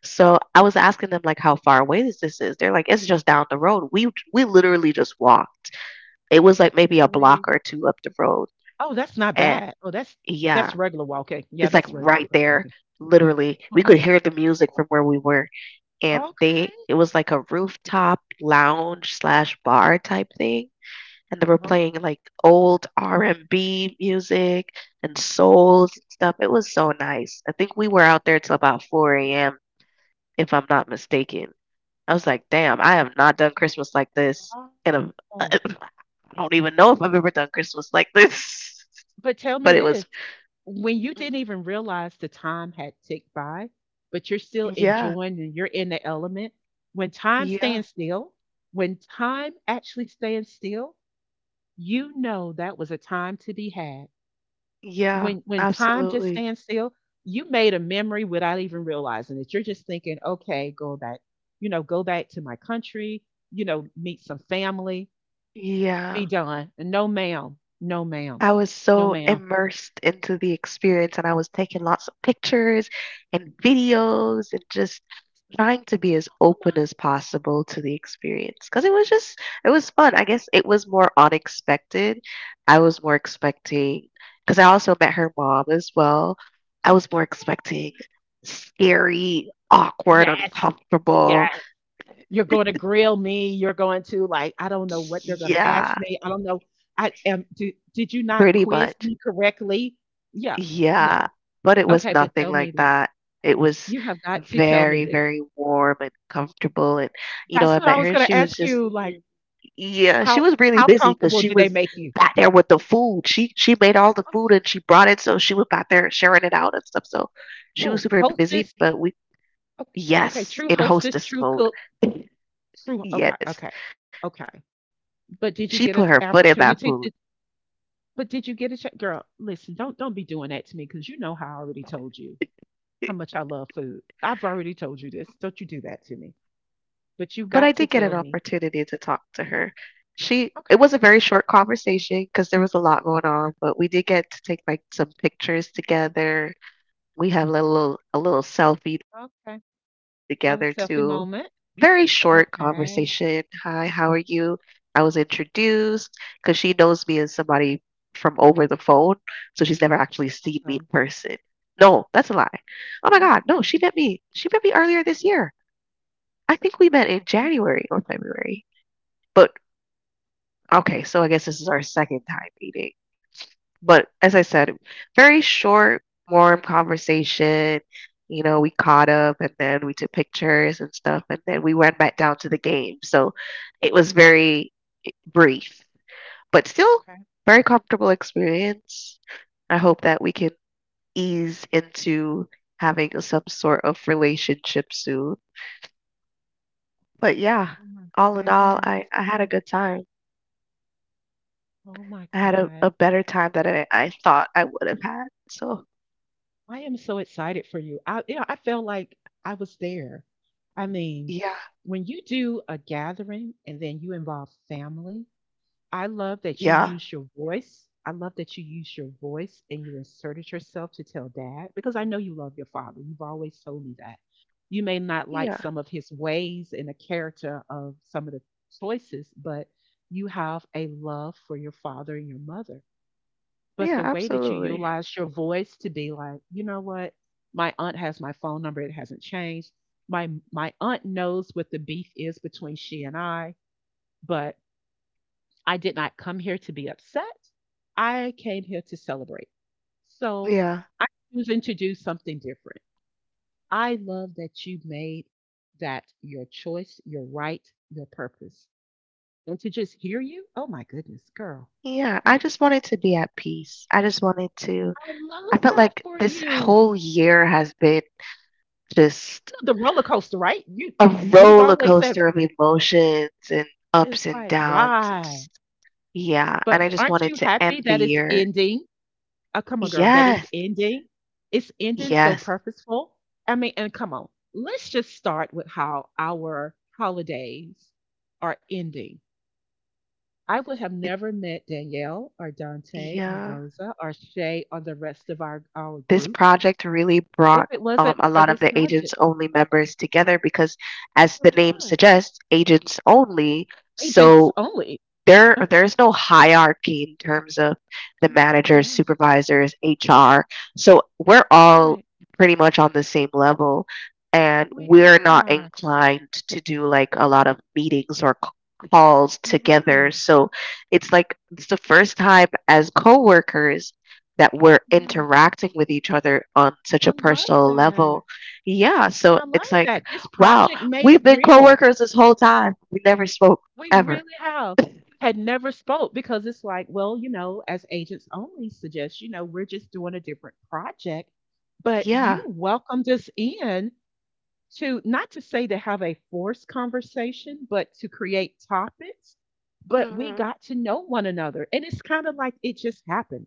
Speaker 2: So I was asking them like how far away is this is. They're like, it's just down the road. We literally just walked. It was like maybe a block
Speaker 1: really.
Speaker 2: or two up the road.
Speaker 1: Oh, that's not
Speaker 2: And
Speaker 1: bad. Oh, that's
Speaker 2: yeah,
Speaker 1: that's regular walking. Yeah,
Speaker 2: it's like
Speaker 1: that's regular
Speaker 2: right there.
Speaker 1: walking.
Speaker 2: Literally, we
Speaker 1: Uh-huh.
Speaker 2: could hear the music from where we were. And they
Speaker 1: Okay.
Speaker 2: it was like a rooftop lounge slash bar type thing, and they were
Speaker 1: Uh-huh.
Speaker 2: playing like old R&B music and souls and stuff. It was so nice. I think we were out there till about 4 a.m. if I'm not mistaken. I was like, "Damn, I have not done Christmas like this in a I
Speaker 1: Oh,
Speaker 2: don't even know if I've
Speaker 1: but
Speaker 2: ever done Christmas like this."
Speaker 1: but tell me
Speaker 2: But it
Speaker 1: this.
Speaker 2: was.
Speaker 1: When you didn't even realize the time had ticked by, but you're still
Speaker 2: Yeah.
Speaker 1: enjoying and you're in the element, when time
Speaker 2: Yeah.
Speaker 1: stands still, when time actually stands still, you know that was a time to be had.
Speaker 2: Yeah.
Speaker 1: When time just
Speaker 2: Absolutely.
Speaker 1: stands still, you made a memory without even realizing it. You're just thinking, okay, go back, you know, go back to my country, you know, meet some family, be
Speaker 2: Yeah.
Speaker 1: done. And no ma'am, no ma'am,
Speaker 2: I was
Speaker 1: no
Speaker 2: so
Speaker 1: ma'am.
Speaker 2: immersed into the experience, and I was taking lots of pictures and videos and just trying to be as
Speaker 1: Oh my
Speaker 2: open as possible to the experience because it was just it was fun. I guess it was more unexpected. I was more expecting because I also met her mom as well. I was more expecting scary, awkward,
Speaker 1: yes,
Speaker 2: uncomfortable.
Speaker 1: yes. You're going to grill me. You're going to like, I don't know what they're going to ask
Speaker 2: Yeah,
Speaker 1: me. I don't know. I am. Did you not
Speaker 2: pretty
Speaker 1: quiz
Speaker 2: much.
Speaker 1: me correctly? Yeah,
Speaker 2: Yeah,
Speaker 1: yeah.
Speaker 2: but it was
Speaker 1: Okay, but
Speaker 2: nothing
Speaker 1: tell
Speaker 2: like
Speaker 1: me that
Speaker 2: that. It was
Speaker 1: you have got to tell me
Speaker 2: very,
Speaker 1: this.
Speaker 2: very warm and comfortable. And, you know,
Speaker 1: That's
Speaker 2: I
Speaker 1: what I
Speaker 2: met
Speaker 1: was
Speaker 2: her,
Speaker 1: gonna
Speaker 2: she was
Speaker 1: ask
Speaker 2: just,
Speaker 1: you, like,
Speaker 2: yeah, she
Speaker 1: how
Speaker 2: was really
Speaker 1: how
Speaker 2: busy because
Speaker 1: comfortable
Speaker 2: she
Speaker 1: did they
Speaker 2: was
Speaker 1: make you?
Speaker 2: back there with the food. She made all the
Speaker 1: Oh,
Speaker 2: food
Speaker 1: yeah.
Speaker 2: and she brought it, so she was back there sharing it out and stuff. So she
Speaker 1: Oh,
Speaker 2: was super busy,
Speaker 1: hostess.
Speaker 2: but we,
Speaker 1: Okay, okay, true
Speaker 2: yes, in
Speaker 1: hostess, true
Speaker 2: hostess
Speaker 1: cook,
Speaker 2: mode.
Speaker 1: true. Okay, okay,
Speaker 2: Yes,
Speaker 1: okay. But did you
Speaker 2: she
Speaker 1: get an
Speaker 2: put her foot in that
Speaker 1: opportunity to?
Speaker 2: food.
Speaker 1: But did you get a chance, girl? Listen, don't be doing that to me because you know how I already told you how much I love food. I've already told you this. Don't you do that to me. But you got to
Speaker 2: But
Speaker 1: tell
Speaker 2: I did
Speaker 1: me.
Speaker 2: get an opportunity to talk to her.
Speaker 1: Okay,
Speaker 2: She it was a very short conversation because there was a lot going on, but we did get to take like some pictures together. We have a little selfie
Speaker 1: okay.
Speaker 2: together too.
Speaker 1: Oh, selfie
Speaker 2: Very
Speaker 1: moment.
Speaker 2: short conversation.
Speaker 1: Okay.
Speaker 2: Hi, how are you? I was introduced because she knows me as somebody from over the phone, so she's never actually seen me in
Speaker 1: Okay.
Speaker 2: person. No, that's a lie. Oh my God,
Speaker 1: Mm.
Speaker 2: no, she met me. She met me earlier this year. I think we met in January or February. But okay, so I guess this is our second time meeting. But as I said, very short, warm conversation. You know, we caught up and then we took pictures and stuff, and then we went back down to the game. So it was very brief, but still
Speaker 1: Okay.
Speaker 2: very comfortable experience. I hope that we can ease into having some sort of relationship soon. But yeah,
Speaker 1: Oh my
Speaker 2: all in all,
Speaker 1: goodness.
Speaker 2: I had a good time.
Speaker 1: Oh my
Speaker 2: I had
Speaker 1: God.
Speaker 2: a better time than I thought I would have had. So
Speaker 1: I am so excited for you. I felt like I was there. I mean,
Speaker 2: yeah,
Speaker 1: when you do a gathering and then you involve family, I love that you
Speaker 2: yeah,
Speaker 1: use your voice. I love that you use your voice and you inserted yourself to tell Dad because I know you love your father. You've always told me that. You may not like
Speaker 2: yeah,
Speaker 1: some of his ways and the character of some of the choices, but you have a love for your father and your mother. But the
Speaker 2: yeah,
Speaker 1: way that you
Speaker 2: absolutely.
Speaker 1: utilize your voice to be like, you know what? My aunt has my phone number. It hasn't changed. My aunt knows what the beef is between she and I, but I did not come here to be upset. I came here to celebrate. So
Speaker 2: Yeah.
Speaker 1: I'm choosing to do something different. I love that you made that your choice, your right, your purpose. And to just hear you, oh my goodness, girl,
Speaker 2: Yeah.
Speaker 1: are
Speaker 2: I
Speaker 1: you?
Speaker 2: just wanted to be at peace. I just wanted to
Speaker 1: I love
Speaker 2: I felt
Speaker 1: that
Speaker 2: like
Speaker 1: for
Speaker 2: this
Speaker 1: you.
Speaker 2: whole year has been just
Speaker 1: The roller coaster, right? You
Speaker 2: a
Speaker 1: We've
Speaker 2: roller
Speaker 1: always said
Speaker 2: coaster of emotions and ups
Speaker 1: it's
Speaker 2: and
Speaker 1: like,
Speaker 2: downs and
Speaker 1: why?
Speaker 2: just yeah. And
Speaker 1: But
Speaker 2: I just
Speaker 1: aren't
Speaker 2: wanted
Speaker 1: you
Speaker 2: to end
Speaker 1: happy
Speaker 2: the
Speaker 1: that it's
Speaker 2: year.
Speaker 1: ending? Oh, come on, girl, that it's
Speaker 2: Yes.
Speaker 1: ending. It's ending so
Speaker 2: Yes.
Speaker 1: purposeful. I mean, and come on, let's just start with how our holidays are ending. I would have
Speaker 2: It
Speaker 1: never met Danielle or Dante or
Speaker 2: yeah.
Speaker 1: Rosa or Shay or the rest of our
Speaker 2: This
Speaker 1: group
Speaker 2: project really
Speaker 1: if
Speaker 2: brought
Speaker 1: it wasn't
Speaker 2: a
Speaker 1: for
Speaker 2: lot of
Speaker 1: this
Speaker 2: the agents
Speaker 1: project.
Speaker 2: only members together because as
Speaker 1: It
Speaker 2: the name
Speaker 1: was
Speaker 2: suggests agents only
Speaker 1: agents
Speaker 2: so
Speaker 1: only.
Speaker 2: there is no hierarchy in terms of the managers,
Speaker 1: Yeah,
Speaker 2: supervisors, HR. So we're all
Speaker 1: right.
Speaker 2: pretty much on the same level, and
Speaker 1: We
Speaker 2: we're not
Speaker 1: are.
Speaker 2: inclined to do like a lot of meetings or calls
Speaker 1: You're
Speaker 2: together.
Speaker 1: right.
Speaker 2: So it's like it's the first time as coworkers that we're
Speaker 1: Yeah.
Speaker 2: interacting with each other on such
Speaker 1: I
Speaker 2: a
Speaker 1: love
Speaker 2: personal
Speaker 1: that.
Speaker 2: level. Yeah,
Speaker 1: And
Speaker 2: so
Speaker 1: I love
Speaker 2: it's like,
Speaker 1: that. This
Speaker 2: wow,
Speaker 1: project made it
Speaker 2: we've been
Speaker 1: real.
Speaker 2: coworkers this whole time. We never spoke
Speaker 1: We
Speaker 2: ever.
Speaker 1: really have. Had never spoke because it's like, well, as agents only suggest, we're just doing a different project. But you
Speaker 2: Yeah.
Speaker 1: welcomed us in to not to say to have a forced conversation, but to create topics. But we
Speaker 2: Mhm.
Speaker 1: got to know one another. And it's kind of like it just happened.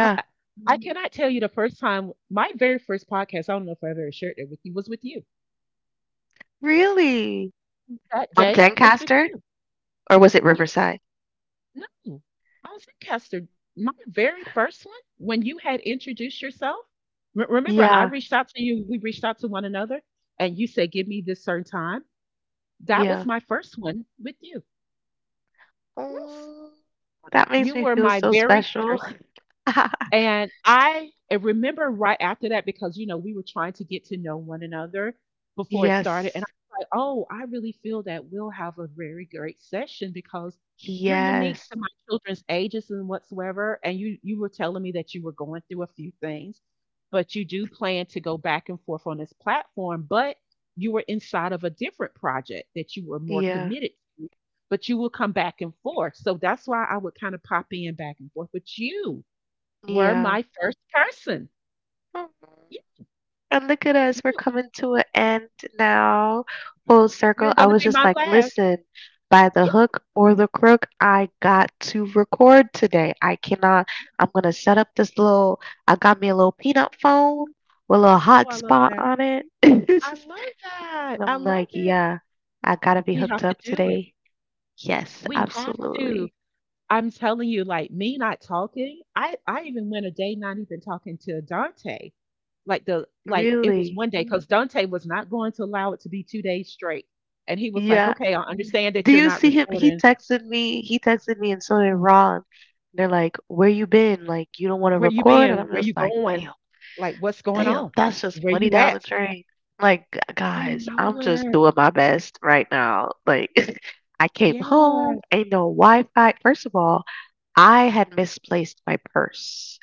Speaker 1: I I I, Mhm, cannot tell you the first time my very first podcast, I don't know if I ever shared it with you, was with you.
Speaker 2: Really?
Speaker 1: That
Speaker 2: On
Speaker 1: day was with
Speaker 2: Lancaster?
Speaker 1: you.
Speaker 2: Or was it
Speaker 1: Yes.
Speaker 2: Riverside?
Speaker 1: No. I was in Castor. My very first one, when you had introduced yourself, remember I
Speaker 2: Yeah,
Speaker 1: reached out to you, we reached out to one another, and you said, "Give me this certain time." That was
Speaker 2: yeah.
Speaker 1: my first one with you. Yes.
Speaker 2: Oh. That makes
Speaker 1: You
Speaker 2: me
Speaker 1: were
Speaker 2: feel
Speaker 1: my
Speaker 2: so
Speaker 1: very
Speaker 2: special.
Speaker 1: first. And I remember right after that because you know we were trying to get to know one another before it started, and
Speaker 2: Yes.
Speaker 1: I was like, "Oh, I really feel that we'll have a very great session because you're unique to
Speaker 2: Yes.
Speaker 1: my children's ages and whatsoever." And you were telling me that you were going through a few things, but you do plan to go back and forth on this platform, but you were inside of a different project that you were more
Speaker 2: Yeah.
Speaker 1: committed to, but you will come back and forth. So that's why I would kind of pop in back and forth with you. Were
Speaker 2: Yeah.
Speaker 1: my first person.
Speaker 2: Aw.
Speaker 1: You
Speaker 2: And look at us,
Speaker 1: you
Speaker 2: we're coming to an end now. Full
Speaker 1: you're
Speaker 2: circle. I
Speaker 1: gonna
Speaker 2: was
Speaker 1: be
Speaker 2: just
Speaker 1: my
Speaker 2: like,
Speaker 1: last.
Speaker 2: listen, by the
Speaker 1: Yes.
Speaker 2: hook or the crook, I got to record today. I cannot, I'm gonna set up this little, I got me a little peanut phone with a little
Speaker 1: Oh, I love
Speaker 2: hotspot
Speaker 1: that.
Speaker 2: on it.
Speaker 1: I love that.
Speaker 2: And
Speaker 1: I
Speaker 2: I'm like,
Speaker 1: love it.
Speaker 2: yeah, I gotta be
Speaker 1: We
Speaker 2: hooked
Speaker 1: have to
Speaker 2: up
Speaker 1: do it.
Speaker 2: today. Yes,
Speaker 1: We have
Speaker 2: absolutely.
Speaker 1: to. I'm telling you, like me not talking, I even went a day not even talking to Dante. Like it was
Speaker 2: Really?
Speaker 1: one day because Dante was not going to allow it to be 2 days straight. And he was like,
Speaker 2: Yeah.
Speaker 1: "Okay, I understand that
Speaker 2: Do
Speaker 1: you're
Speaker 2: you
Speaker 1: not
Speaker 2: see him? He
Speaker 1: recording."
Speaker 2: texted me. He texted me, and so did Ron. They're like, "Where you been? Like, you don't want to
Speaker 1: Where you
Speaker 2: record?"
Speaker 1: been?
Speaker 2: And I'm
Speaker 1: Where you
Speaker 2: just like,
Speaker 1: going?
Speaker 2: "Damn,
Speaker 1: Like what's going
Speaker 2: damn,
Speaker 1: on?
Speaker 2: that's just
Speaker 1: Where
Speaker 2: money
Speaker 1: you
Speaker 2: down the
Speaker 1: at?
Speaker 2: drain." Like,
Speaker 1: I
Speaker 2: guys, I'm
Speaker 1: know
Speaker 2: just
Speaker 1: it.
Speaker 2: doing my best right now. Like, I came home,
Speaker 1: Yes.
Speaker 2: ain't no Wi-Fi. First of all, I had misplaced my purse,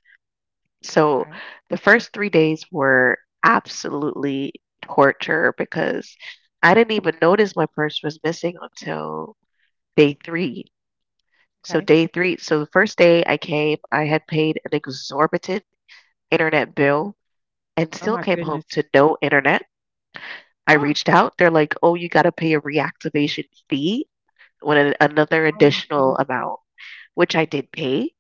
Speaker 2: so
Speaker 1: Okay,
Speaker 2: the first three days were absolutely torture because I didn't even notice my purse was missing until day three. So
Speaker 1: okay,
Speaker 2: day three, so the first day I came, I had paid an exorbitant internet
Speaker 1: okay.
Speaker 2: bill and
Speaker 1: Oh
Speaker 2: still
Speaker 1: my
Speaker 2: came home
Speaker 1: goodness.
Speaker 2: to no internet. I
Speaker 1: Oh,
Speaker 2: reached out. They're like, oh, you got to pay a reactivation fee, when another
Speaker 1: oh my
Speaker 2: additional
Speaker 1: goodness.
Speaker 2: amount, which I did pay,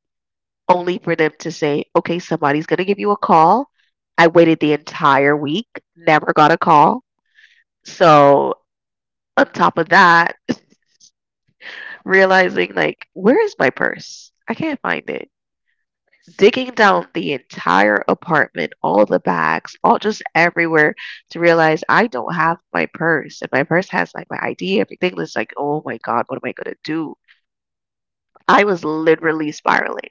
Speaker 2: only for them to say, okay, somebody's going to give you a call. I waited the entire week, never got a call. So on top of that, realizing like, where is my purse? I can't find it. Digging down the entire apartment, all the bags, all just everywhere to realize I don't have my purse. And my purse has like my ID, everything. It's like, oh my God, what am I going to do? I was literally spiraling,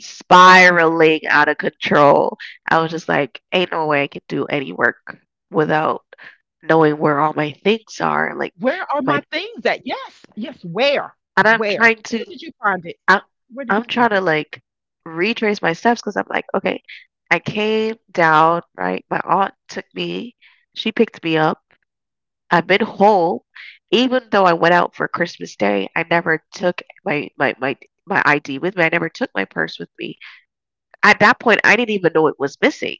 Speaker 2: spiraling out of control. I was just like, ain't no way I can do any work without knowing where all my things are. Like,
Speaker 1: Where are my
Speaker 2: my,
Speaker 1: things at? Yes, yes, where?
Speaker 2: and I'm
Speaker 1: Where?
Speaker 2: trying to
Speaker 1: Where did you find it?
Speaker 2: I'm
Speaker 1: Where did
Speaker 2: I'm
Speaker 1: you
Speaker 2: trying
Speaker 1: find
Speaker 2: to
Speaker 1: it?
Speaker 2: like retrace my steps because I'm like, okay, I came down, right? My aunt took me, she picked me up. I've been home. Even though I went out for Christmas Day, I never took my ID with me. I never took my purse with me. At that point, I didn't even know it was missing.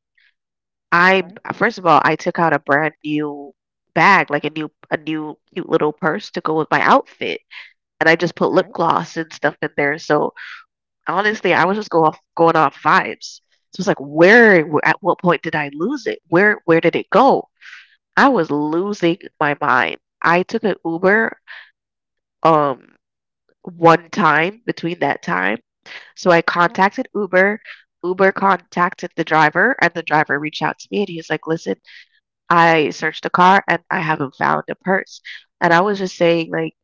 Speaker 2: I
Speaker 1: Okay,
Speaker 2: First of all, I took out a brand new bag, like a new cute little purse to go with my outfit, and I just put lip
Speaker 1: okay,
Speaker 2: gloss and stuff in there. So honestly, I was just going off vibes. So it's like, where, at what point did I lose it? Where did it go? I was losing my mind. I took an
Speaker 1: okay,
Speaker 2: Uber, um, one time between that time. So I
Speaker 1: uh
Speaker 2: contacted Uber. Uber contacted the driver, and the driver reached out to me, and he's like, "Listen, I searched the car, and I haven't found a purse." And I was just saying, like,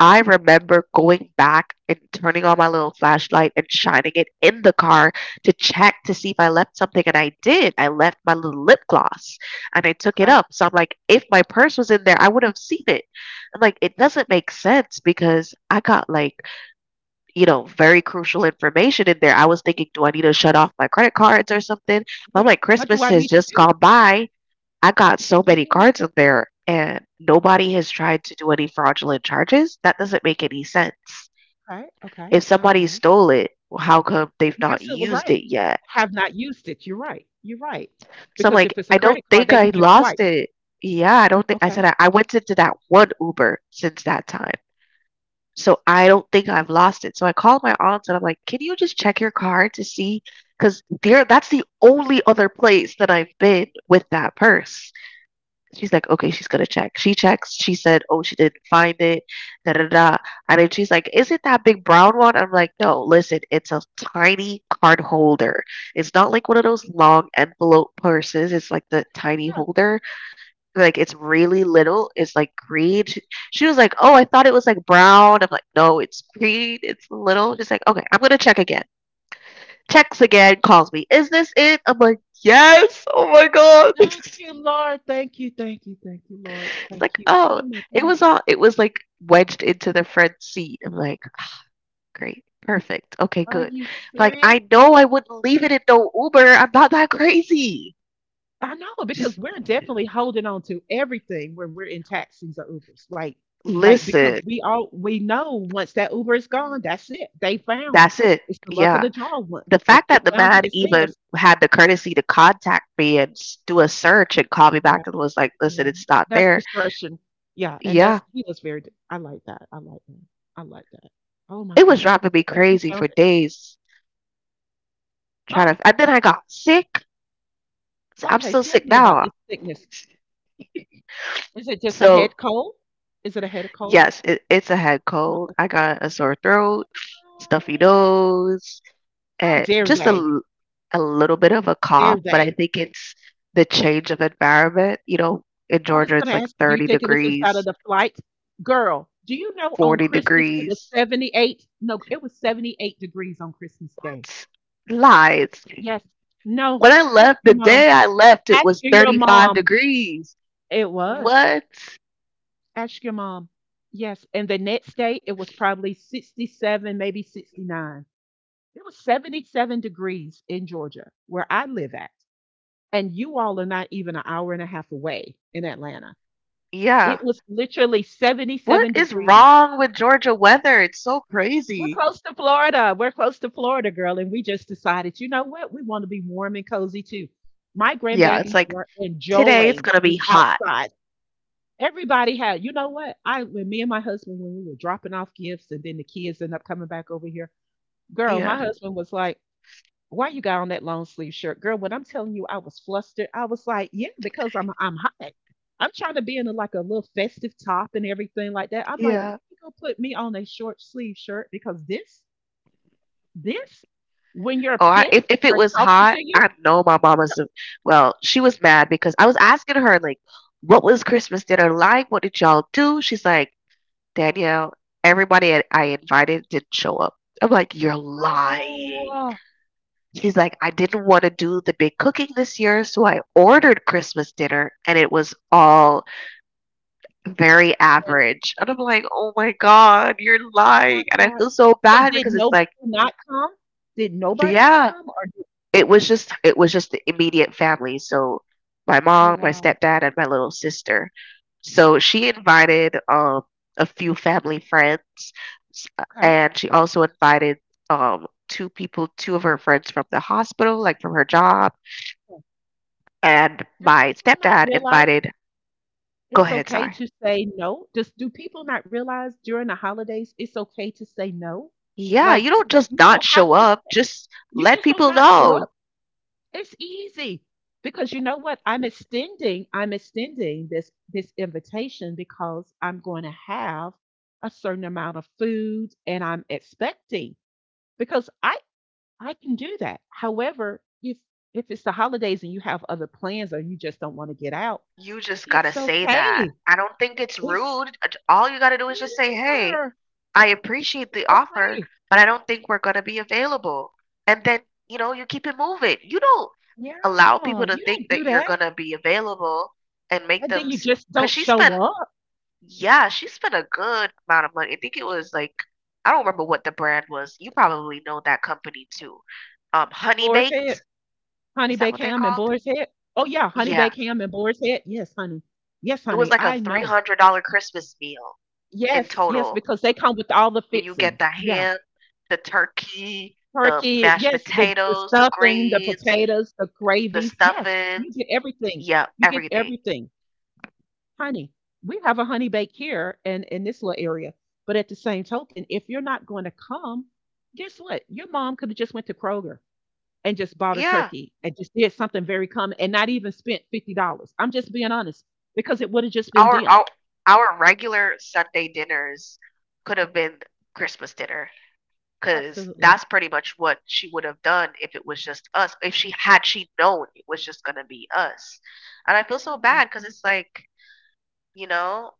Speaker 2: I remember going back and turning on my little flashlight and shining it in the car to check to see if I left something. And I did. I left my little lip gloss and I took it
Speaker 1: okay.
Speaker 2: up. So I'm like, if my purse was in there, I would have seen it. I'm like, it doesn't
Speaker 1: Yes,
Speaker 2: make sense because I got, like, very crucial information in there. I was thinking, do I need to shut off my credit cards or something? But I'm
Speaker 1: yes.
Speaker 2: like,
Speaker 1: What do
Speaker 2: Christmas
Speaker 1: I
Speaker 2: has
Speaker 1: need to
Speaker 2: just
Speaker 1: do?
Speaker 2: gone by. I got so many
Speaker 1: Yes,
Speaker 2: cards in there and nobody has tried to do any fraudulent charges. That doesn't make any sense.
Speaker 1: okay, okay,
Speaker 2: If somebody
Speaker 1: okay.
Speaker 2: stole it, well, how come they've
Speaker 1: You're
Speaker 2: not
Speaker 1: absolutely
Speaker 2: used
Speaker 1: right.
Speaker 2: it yet?
Speaker 1: Have not used it. You're right. You're right.
Speaker 2: So I'm
Speaker 1: Because
Speaker 2: like,
Speaker 1: if it's a
Speaker 2: I don't
Speaker 1: credit card,
Speaker 2: think
Speaker 1: they
Speaker 2: I
Speaker 1: can just
Speaker 2: lost
Speaker 1: swipe.
Speaker 2: it. Yeah, I don't think I
Speaker 1: Okay.
Speaker 2: said I went into that one Uber since that time. So I don't think I've lost it. So I called my aunt and I'm like, can you just check your card to see? Because there, that's the only other place that I've been with that purse. She's like, okay, she's gonna check. She checks. She said, oh, she didn't find it. Da da da. And then she's like, is it that big brown one? I'm like, no. Listen, it's a tiny card holder. It's not like one of those long envelope purses. It's like the tiny
Speaker 1: Yeah.
Speaker 2: holder. Like it's really little. It's like green. She was like, oh, I thought it was like brown. I'm like, no, it's green. It's little. She's like, okay, I'm gonna check again. Checks again. Calls me. Is this it? I'm like, yes. Oh my god.
Speaker 1: Thank you, Lord. Thank you, thank you, thank you, Lord.
Speaker 2: He's like,
Speaker 1: Thank you.
Speaker 2: "Oh,
Speaker 1: Oh my
Speaker 2: it
Speaker 1: goodness.
Speaker 2: was all it was, like, wedged into the front seat." I'm like, "Great. Perfect. Okay,
Speaker 1: Are
Speaker 2: good."
Speaker 1: you
Speaker 2: Like, I
Speaker 1: serious?
Speaker 2: know I wouldn't leave it in no Uber. I'm not that crazy.
Speaker 1: I know,
Speaker 2: Just
Speaker 1: because we're definitely holding on to everything when we're in taxis or Ubers. Like
Speaker 2: listen.
Speaker 1: because we know once that Uber is gone, that's it. They found
Speaker 2: That's it.
Speaker 1: It's the luck of
Speaker 2: Yeah.
Speaker 1: the draw one.
Speaker 2: The
Speaker 1: If
Speaker 2: fact
Speaker 1: they
Speaker 2: that the
Speaker 1: found
Speaker 2: man
Speaker 1: it, it's
Speaker 2: even
Speaker 1: theirs.
Speaker 2: had the courtesy to contact me and s do a search and call me back
Speaker 1: Yeah,
Speaker 2: and was like, "Listen,
Speaker 1: yeah.
Speaker 2: it's not
Speaker 1: That's
Speaker 2: there."
Speaker 1: discretion. Yeah, and
Speaker 2: Yeah.
Speaker 1: that's he was very. I like that. I like that. I like that. Oh my
Speaker 2: It was
Speaker 1: goodness,
Speaker 2: driving
Speaker 1: I'm
Speaker 2: me
Speaker 1: so happy you
Speaker 2: crazy for
Speaker 1: found it.
Speaker 2: days trying
Speaker 1: Oh,
Speaker 2: to, and then I got sick. So I'm
Speaker 1: okay.
Speaker 2: still
Speaker 1: Tell
Speaker 2: sick
Speaker 1: me about
Speaker 2: now.
Speaker 1: this sickness. Is it just a
Speaker 2: So
Speaker 1: head cold? Is it a head cold?
Speaker 2: yes, it's a head cold.
Speaker 1: No.
Speaker 2: I got a sore throat, stuffy nose,
Speaker 1: How
Speaker 2: and
Speaker 1: dare
Speaker 2: just a,
Speaker 1: they?
Speaker 2: a little bit of a cough,
Speaker 1: Dare
Speaker 2: but I
Speaker 1: they?
Speaker 2: think it's the change of environment. You know, in
Speaker 1: I was
Speaker 2: Georgia, it's
Speaker 1: gonna
Speaker 2: like
Speaker 1: ask you, do you
Speaker 2: 30
Speaker 1: think it was inside of
Speaker 2: degrees,
Speaker 1: the flight? Girl, do you know on
Speaker 2: 40
Speaker 1: Christmas it was
Speaker 2: degrees.
Speaker 1: 78? No, it was 78 degrees on Christmas Day.
Speaker 2: What? Lies.
Speaker 1: Yes. No.
Speaker 2: When I
Speaker 1: Ask
Speaker 2: left, the
Speaker 1: your mom.
Speaker 2: day I left, it
Speaker 1: Ask
Speaker 2: was
Speaker 1: your
Speaker 2: 35
Speaker 1: mom.
Speaker 2: degrees.
Speaker 1: It was.
Speaker 2: What?
Speaker 1: Ask your mom. Yes. And the next day it was probably 67, maybe 69. It was 77 degrees in Georgia, where I live at. And you all are not even an hour and a half away in Atlanta.
Speaker 2: Yeah.
Speaker 1: It was literally
Speaker 2: What
Speaker 1: 77
Speaker 2: is
Speaker 1: degrees.
Speaker 2: wrong with Georgia weather? It's so
Speaker 1: We're
Speaker 2: crazy.
Speaker 1: close to Florida. We're close to Florida, girl. And we just decided, you know what? We want to be warm and cozy too. My
Speaker 2: Yeah, it's
Speaker 1: grandbabies
Speaker 2: like
Speaker 1: were
Speaker 2: today it's
Speaker 1: enjoying
Speaker 2: gonna be
Speaker 1: the
Speaker 2: hot.
Speaker 1: outside. Everybody had, you know what? I When me and my husband, when we were dropping off gifts and then the kids end up coming back over here. Girl, my
Speaker 2: Yeah.
Speaker 1: husband was like, "Why you got on that long sleeve shirt, girl?" When I'm telling you, I was flustered. I was like, yeah, because I'm hot. I'm trying to be in a, like a little festive top and everything like that. I'm like, let
Speaker 2: Yeah.
Speaker 1: me go put me on a short sleeve shirt because this when your
Speaker 2: Oh,
Speaker 1: pit
Speaker 2: if it
Speaker 1: are
Speaker 2: was
Speaker 1: talking to
Speaker 2: hot,
Speaker 1: you.
Speaker 2: I know my mama's. Well, she was mad because I was asking her, like, "What was Christmas dinner like? What did y'all do?" She's like, "Danielle, everybody I invited didn't show up." I'm like, "You're
Speaker 1: Oh,
Speaker 2: lying." She's like, "I didn't want to do the big cooking this year, so I ordered Christmas dinner, and it was all very
Speaker 1: and,
Speaker 2: average." And I'm like, "Oh my God, you're
Speaker 1: oh my
Speaker 2: lying!" And I
Speaker 1: God.
Speaker 2: feel so
Speaker 1: So
Speaker 2: bad
Speaker 1: did
Speaker 2: because it's
Speaker 1: nobody
Speaker 2: like.
Speaker 1: not come? Did nobody not
Speaker 2: Yeah,
Speaker 1: come? Or did,
Speaker 2: It was just it
Speaker 1: so,
Speaker 2: was just the immediate family, so my
Speaker 1: oh
Speaker 2: mom, my
Speaker 1: wow,
Speaker 2: stepdad, and my little sister. So she invited a few family friends, s-
Speaker 1: okay.
Speaker 2: and she also invited two people, two of her friends from the hospital, like from her job, and
Speaker 1: Do
Speaker 2: my
Speaker 1: people not
Speaker 2: stepdad
Speaker 1: realize?
Speaker 2: invited. Go
Speaker 1: It's
Speaker 2: ahead,
Speaker 1: okay
Speaker 2: sorry.
Speaker 1: to say no. Just do people not realize during the holidays it's okay to say no?
Speaker 2: Yeah,
Speaker 1: Like
Speaker 2: you don't just
Speaker 1: you don't
Speaker 2: not
Speaker 1: have
Speaker 2: show
Speaker 1: to
Speaker 2: up. Just
Speaker 1: you
Speaker 2: let
Speaker 1: just don't
Speaker 2: people
Speaker 1: not show up.
Speaker 2: know.
Speaker 1: It's easy. Because you know what? I'm extending this invitation because I'm going to have a certain amount of food and I'm expecting, because I can do that. However, if it's the holidays and you have other plans or you just don't want to get out,
Speaker 2: You just gotta
Speaker 1: it's
Speaker 2: say that.
Speaker 1: okay.
Speaker 2: I don't think it's
Speaker 1: It's
Speaker 2: rude. All you gotta do
Speaker 1: Me
Speaker 2: is just say, "Hey,
Speaker 1: neither.
Speaker 2: I appreciate the offer,
Speaker 1: Okay.
Speaker 2: but I don't think we're gonna be available." And then, you know, you keep it moving. You don't allow
Speaker 1: Yeah,
Speaker 2: people to
Speaker 1: you
Speaker 2: think
Speaker 1: don't do
Speaker 2: that you're
Speaker 1: that.
Speaker 2: gonna be available and make
Speaker 1: And then
Speaker 2: them,
Speaker 1: you just
Speaker 2: because
Speaker 1: don't
Speaker 2: she
Speaker 1: show
Speaker 2: spent,
Speaker 1: up.
Speaker 2: yeah, she spent a good amount of money. I think it was like, I don't remember what the brand was. You probably know that company too. Honey
Speaker 1: Boar's Head,
Speaker 2: Baked,
Speaker 1: Honey
Speaker 2: is that
Speaker 1: Baked
Speaker 2: what they're
Speaker 1: ham and
Speaker 2: called?
Speaker 1: Boar's Head. Oh yeah, Honey Baked
Speaker 2: Yeah.
Speaker 1: ham and Boar's Head. Yes, honey. Yes,
Speaker 2: It was
Speaker 1: honey.
Speaker 2: like a
Speaker 1: I know.
Speaker 2: $300 Christmas meal in
Speaker 1: Yes, yes,
Speaker 2: total.
Speaker 1: because they come with
Speaker 2: And you
Speaker 1: all the
Speaker 2: get the
Speaker 1: fixings.
Speaker 2: ham,
Speaker 1: Yeah.
Speaker 2: the turkey, the mashed
Speaker 1: Turkey, yes, the,
Speaker 2: potatoes, the
Speaker 1: the stuffing,
Speaker 2: greens,
Speaker 1: the potatoes, the
Speaker 2: the
Speaker 1: gravies. Yes,
Speaker 2: stuffings,
Speaker 1: you get
Speaker 2: yeah,
Speaker 1: everything. You get
Speaker 2: everything.
Speaker 1: everything. Honey, we have a Honey Bake here in, this little area. But at the same token, if you're not going to come, guess what? Your mom could have just went to Kroger and just bought a
Speaker 2: Yeah.
Speaker 1: turkey and just did something very common and not even spent $50. I'm just being honest, because it would have just been
Speaker 2: Our
Speaker 1: them.
Speaker 2: our our regular Sunday dinners could have been Christmas dinner. 'Cause
Speaker 1: Absolutely.
Speaker 2: that's pretty much what she would have done if it was just us, if she known it was just gonna be us. And I feel so
Speaker 1: Yeah,
Speaker 2: bad because it's like, you know,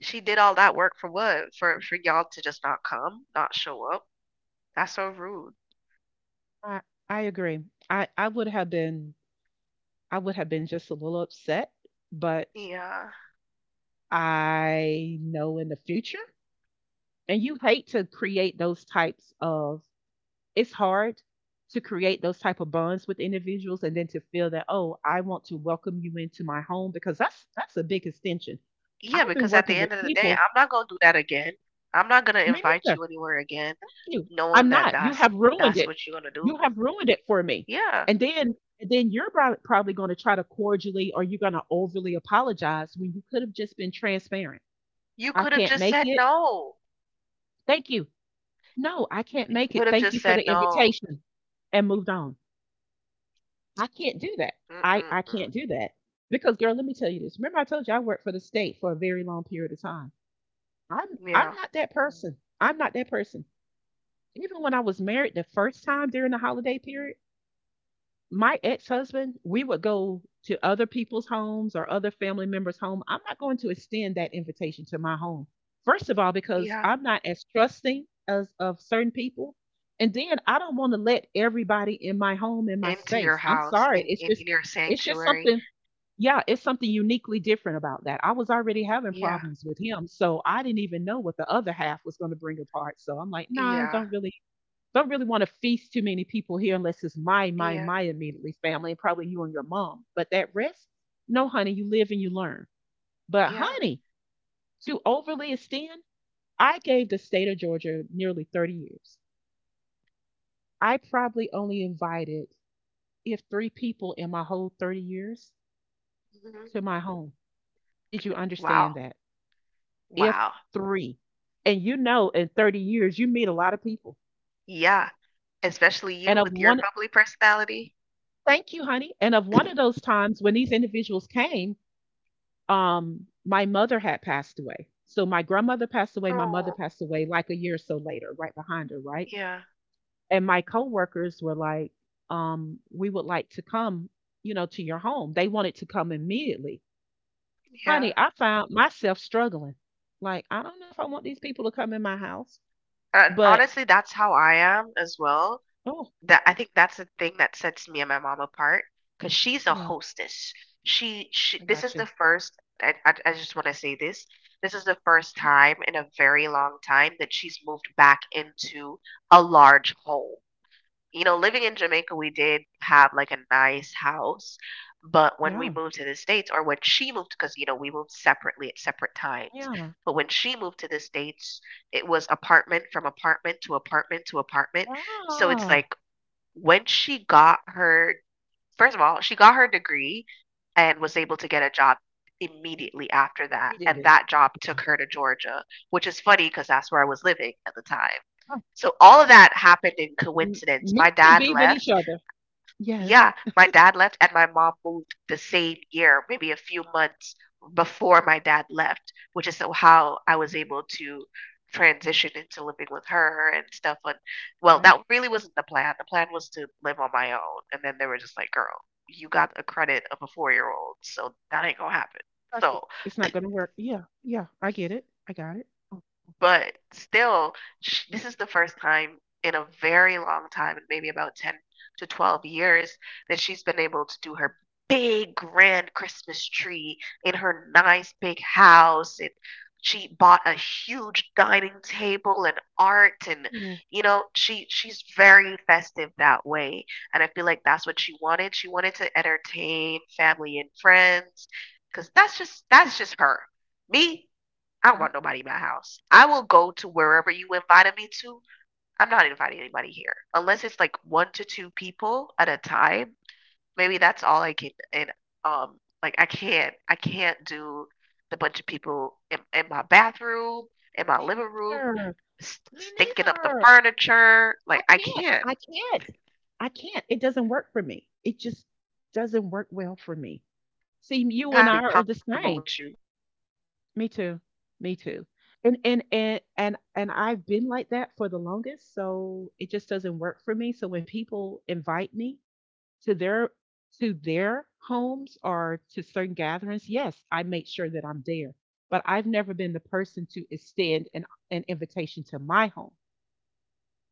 Speaker 2: she did all that work for what? For y'all to just not come, not show up? That's so rude.
Speaker 1: I I agree. I would have been I would have been just a little upset, but
Speaker 2: Yeah.
Speaker 1: I know in the future. And you hate to create those types of it's hard to create those type of bonds with individuals and then to feel that, oh, I want to welcome you into my home, because that's a big extension.
Speaker 2: Yeah,
Speaker 1: I've been
Speaker 2: because at
Speaker 1: working
Speaker 2: the
Speaker 1: with
Speaker 2: end of the day,
Speaker 1: people.
Speaker 2: I'm not gonna do that again. I'm not gonna
Speaker 1: Me
Speaker 2: invite
Speaker 1: neither.
Speaker 2: you anywhere again
Speaker 1: Thank you.
Speaker 2: knowing
Speaker 1: I'm
Speaker 2: that
Speaker 1: not. You
Speaker 2: that's
Speaker 1: have ruined
Speaker 2: that's
Speaker 1: it.
Speaker 2: what you're gonna
Speaker 1: You
Speaker 2: do.
Speaker 1: have ruined it for me.
Speaker 2: Yeah.
Speaker 1: And then you're probably going to try to cordially, or you're going to overly apologize, when you could have just been transparent.
Speaker 2: You
Speaker 1: I
Speaker 2: could have
Speaker 1: can't
Speaker 2: just
Speaker 1: make
Speaker 2: said
Speaker 1: it.
Speaker 2: no.
Speaker 1: Thank you. No, I can't make
Speaker 2: Could
Speaker 1: it.
Speaker 2: have
Speaker 1: Thank you
Speaker 2: just
Speaker 1: for
Speaker 2: said
Speaker 1: the
Speaker 2: no.
Speaker 1: invitation. And moved on. I can't do that. I
Speaker 2: Mm-mm-mm.
Speaker 1: can't do that. Because girl, let me tell you this. Remember I told you I worked for the state for a very long period of time. I'm I'm
Speaker 2: Yeah.
Speaker 1: not that person. I'm not that person. Even when I was married the first time during the holiday period, my ex-husband, we would go to other people's homes or other family members' home. I'm not going to extend that invitation to my home. First of all, because
Speaker 2: Yeah.
Speaker 1: I'm not as trusting as of certain people. And then I don't want to let everybody in my home in my
Speaker 2: Into your
Speaker 1: space. I'm
Speaker 2: house
Speaker 1: sorry. It's just
Speaker 2: in your
Speaker 1: it's just
Speaker 2: sanctuary.
Speaker 1: something yeah, it's something uniquely different about that. I was already having
Speaker 2: Yeah,
Speaker 1: problems with him, so I didn't even know what the other half was going to bring apart. So I'm like, nah,
Speaker 2: yeah,
Speaker 1: don't really want to feast too many people here unless it's
Speaker 2: yeah,
Speaker 1: my immediately family, and probably you and your mom. But that rest, no, honey, you live and you learn. But
Speaker 2: yeah.
Speaker 1: honey, to overly extend, I gave the state of Georgia nearly 30 years. I probably only invited if three people in my whole 30 years
Speaker 2: Mhm.
Speaker 1: to my home. Did you understand
Speaker 2: Wow,
Speaker 1: that? If
Speaker 2: wow.
Speaker 1: three. And you know, in 30 years, you meet a lot of people.
Speaker 2: Yeah, especially
Speaker 1: And
Speaker 2: you
Speaker 1: of
Speaker 2: with your
Speaker 1: one,
Speaker 2: bubbly personality.
Speaker 1: thank you, honey. And of one of those times when these individuals came, my mother had passed away. So my grandmother passed away, my mother
Speaker 2: Oh,
Speaker 1: passed away like a year or so later, right behind her, right?
Speaker 2: yeah,
Speaker 1: And my coworkers were like, we would like to come, to your home. They wanted to come immediately. Honey,
Speaker 2: yeah.
Speaker 1: I found myself struggling. Like, I don't know if I want these people to come in my house,
Speaker 2: And
Speaker 1: but
Speaker 2: honestly, that's how I am as well.
Speaker 1: oh,
Speaker 2: That, I think that's the thing that sets me and my mom apart because she's a
Speaker 1: yeah,
Speaker 2: hostess. She
Speaker 1: I
Speaker 2: this is
Speaker 1: gotcha.
Speaker 2: the first, I just wanna say this. This is the first time in a very long time that she's moved back into a large home. You know, living in Jamaica, we did have, like, a nice house, but when we
Speaker 1: Yeah,
Speaker 2: moved to the States, or when she moved, because, you know, we moved separately at separate times.
Speaker 1: yeah.
Speaker 2: But when she moved to the States, it was apartment from apartment to apartment to apartment. So it's
Speaker 1: Ah,
Speaker 2: like when she got her, first of all, she got her degree and was able to get a job immediately after that, and
Speaker 1: creatively.
Speaker 2: that job
Speaker 1: Yeah.
Speaker 2: took her to Georgia, which is funny because that's where I was living at the time.
Speaker 1: Ah,
Speaker 2: So all of that happened in
Speaker 1: m
Speaker 2: coincidence. My
Speaker 1: meant to
Speaker 2: dad
Speaker 1: be with each
Speaker 2: left,
Speaker 1: other. Yes.
Speaker 2: yeah, my dad left and my mom moved the same year, maybe a few months before my dad left, which is so how I was able to transition into living with her and stuff. But well,
Speaker 1: Right?
Speaker 2: that really wasn't the plan. The plan was to live on my own. And then they were just like, girl, you got a credit of a 4 year old, so that ain't gonna happen.
Speaker 1: Touch it.
Speaker 2: So
Speaker 1: It's not gonna work. Yeah, yeah. I get it. I got it.
Speaker 2: but still, sh this is the first time in a very long time, in maybe about 10 to 12 years, that she's been able to do her big grand Christmas tree in her nice big house. And she bought a huge dining table and art, and,
Speaker 1: Ooh,
Speaker 2: you know, she's very festive that way. And I feel like that's what she wanted. She wanted to entertain family and friends because that's just her. Me, I don't
Speaker 1: okay.
Speaker 2: want nobody in my house. I will go to wherever you invited me to. I'm not inviting anybody here unless it's like one to two people at a time. Maybe that's all I can. And like I can't do the bunch of people in my bathroom, in my
Speaker 1: Me
Speaker 2: living room,
Speaker 1: neither. Me
Speaker 2: stinking up the
Speaker 1: neither.
Speaker 2: furniture. Like
Speaker 1: I
Speaker 2: I
Speaker 1: can't.
Speaker 2: can't.
Speaker 1: I can't. I can't. It doesn't work for me. It just doesn't work well for me. See,
Speaker 2: I
Speaker 1: you
Speaker 2: gotta
Speaker 1: and
Speaker 2: be
Speaker 1: I are the
Speaker 2: comfortable with
Speaker 1: same.
Speaker 2: you.
Speaker 1: Me too. Me too. And I've been like that for the longest, so it just doesn't work for me. So when people invite me to their to their homes or to certain gatherings, yes, I make sure that I'm there. But I've never been the person to extend an invitation to my home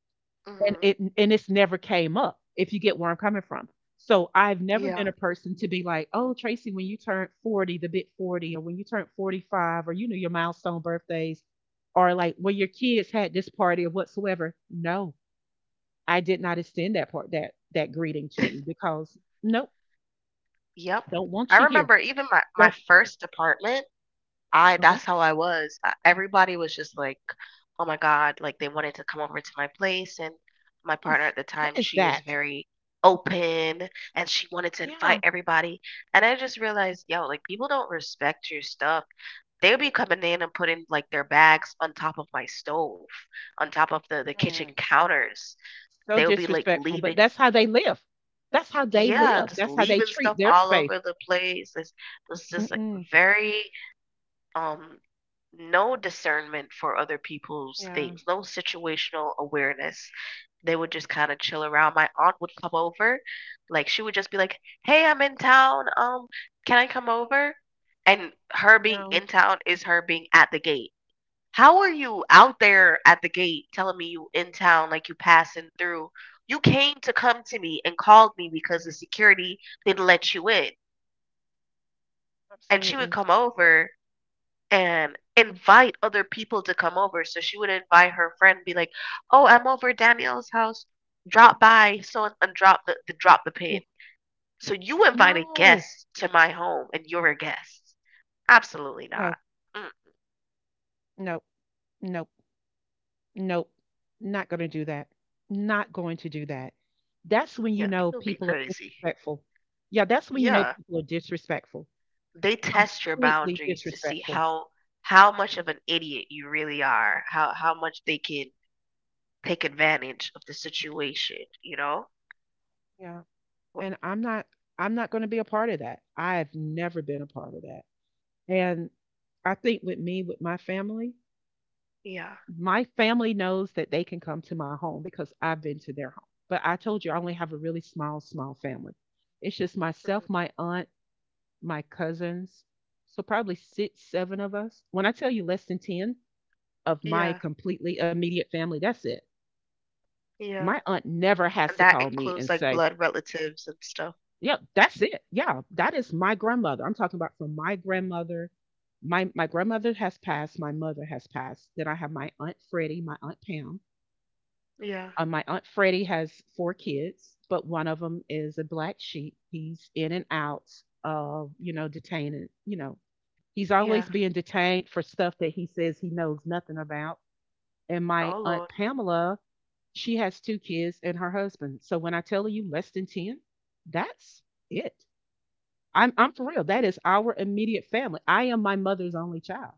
Speaker 2: Mhm.
Speaker 1: and it's never came up if you get where I'm coming from. So I've never
Speaker 2: Yeah.
Speaker 1: been a person to be like, oh, Tracy, when you turn 40, the big 40, or when you turn 45, or you know, your milestone birthdays, or like when your kids had this party or whatsoever. No, I did not extend that part that that greeting to you because nope,
Speaker 2: Yep.
Speaker 1: don't
Speaker 2: I
Speaker 1: want you here.
Speaker 2: remember even my
Speaker 1: Don't
Speaker 2: first apartment. I
Speaker 1: uh-huh.
Speaker 2: that's how I was. Everybody was just like, "Oh my God," like they wanted to come over to my place, and my
Speaker 1: what,
Speaker 2: partner at
Speaker 1: is,
Speaker 2: the
Speaker 1: what
Speaker 2: time,
Speaker 1: is
Speaker 2: she was
Speaker 1: that?
Speaker 2: very open and she wanted to
Speaker 1: Yeah.
Speaker 2: invite everybody. And I just realized, yo, like, people don't respect your stuff. They'll be coming in and putting like their bags on top of my stove, on top of the kitchen
Speaker 1: Mm.
Speaker 2: counters.
Speaker 1: So
Speaker 2: They'll be like
Speaker 1: disrespectful. But
Speaker 2: leaving,
Speaker 1: that's how they live. That's how they
Speaker 2: yeah,
Speaker 1: live.
Speaker 2: just
Speaker 1: That's how they
Speaker 2: leaving
Speaker 1: treat
Speaker 2: stuff
Speaker 1: their
Speaker 2: all
Speaker 1: space.
Speaker 2: over the place. It's just like
Speaker 1: Mm-mm.
Speaker 2: very um no discernment for other people's
Speaker 1: Yeah.
Speaker 2: things, no situational awareness. They would just kind of chill around. My aunt would come over, like she would just be like, "Hey, I'm in town. Can I come over?" And her being
Speaker 1: No,
Speaker 2: in town is her being at the gate. How are you out there at the gate telling me you in town, like you passing through? You came to come to me and called me because the security didn't let you in. And she would
Speaker 1: absolutely.
Speaker 2: come over and invite other people to come over. So she would invite her friend, be like, "Oh, I'm over at Danielle's house. Drop by, so and drop the drop the pin." So you invited
Speaker 1: No.
Speaker 2: guests to my home, and you're a guest. Absolutely not.
Speaker 1: No.
Speaker 2: Mm,
Speaker 1: Nope. Nope. Nope. Not going to do that. Not going to do that. That's when you
Speaker 2: yeah,
Speaker 1: know
Speaker 2: people be
Speaker 1: people are
Speaker 2: crazy.
Speaker 1: disrespectful. Yeah, that's when you know
Speaker 2: Yeah,
Speaker 1: people are disrespectful.
Speaker 2: they test your
Speaker 1: Completely
Speaker 2: boundaries to see
Speaker 1: disrespectful.
Speaker 2: how much of an idiot you really are, how much they can take advantage of the situation. You know?
Speaker 1: Yeah.
Speaker 2: Wh-
Speaker 1: And I'm not going to be a part of that. I've never been a part of that. And I think with me with my family,
Speaker 2: Yeah.
Speaker 1: my family knows that they can come to my home because I've been to their home. But I told you I only have a really small, small family. It's just
Speaker 2: Mhm.
Speaker 1: myself, my aunt, my cousins. So probably six, seven of us. When I tell you less than 10 of
Speaker 2: Yeah.
Speaker 1: my completely immediate family, that's it.
Speaker 2: Yeah,
Speaker 1: My aunt never has
Speaker 2: and
Speaker 1: to
Speaker 2: that
Speaker 1: call me
Speaker 2: includes,
Speaker 1: and
Speaker 2: like,
Speaker 1: say,
Speaker 2: blood relatives and stuff.
Speaker 1: yep, that's it. Yeah, that is my grandmother. I'm talking about from my grandmother. My grandmother has passed, my mother has passed. Then I have my aunt Freddie, my aunt Pam.
Speaker 2: Yeah,
Speaker 1: My aunt Freddie has four kids, but one of them is a black sheep. He's in and out of, detaining, he's
Speaker 2: yeah.
Speaker 1: always being detained for stuff that he says he knows nothing about. And my
Speaker 2: Oh,
Speaker 1: aunt
Speaker 2: Lord.
Speaker 1: Pamela, she has two kids and her husband. So when I tell you less than 10, that's it. I'm for real. That
Speaker 2: Mm,
Speaker 1: is our immediate family. I am my mother's only child.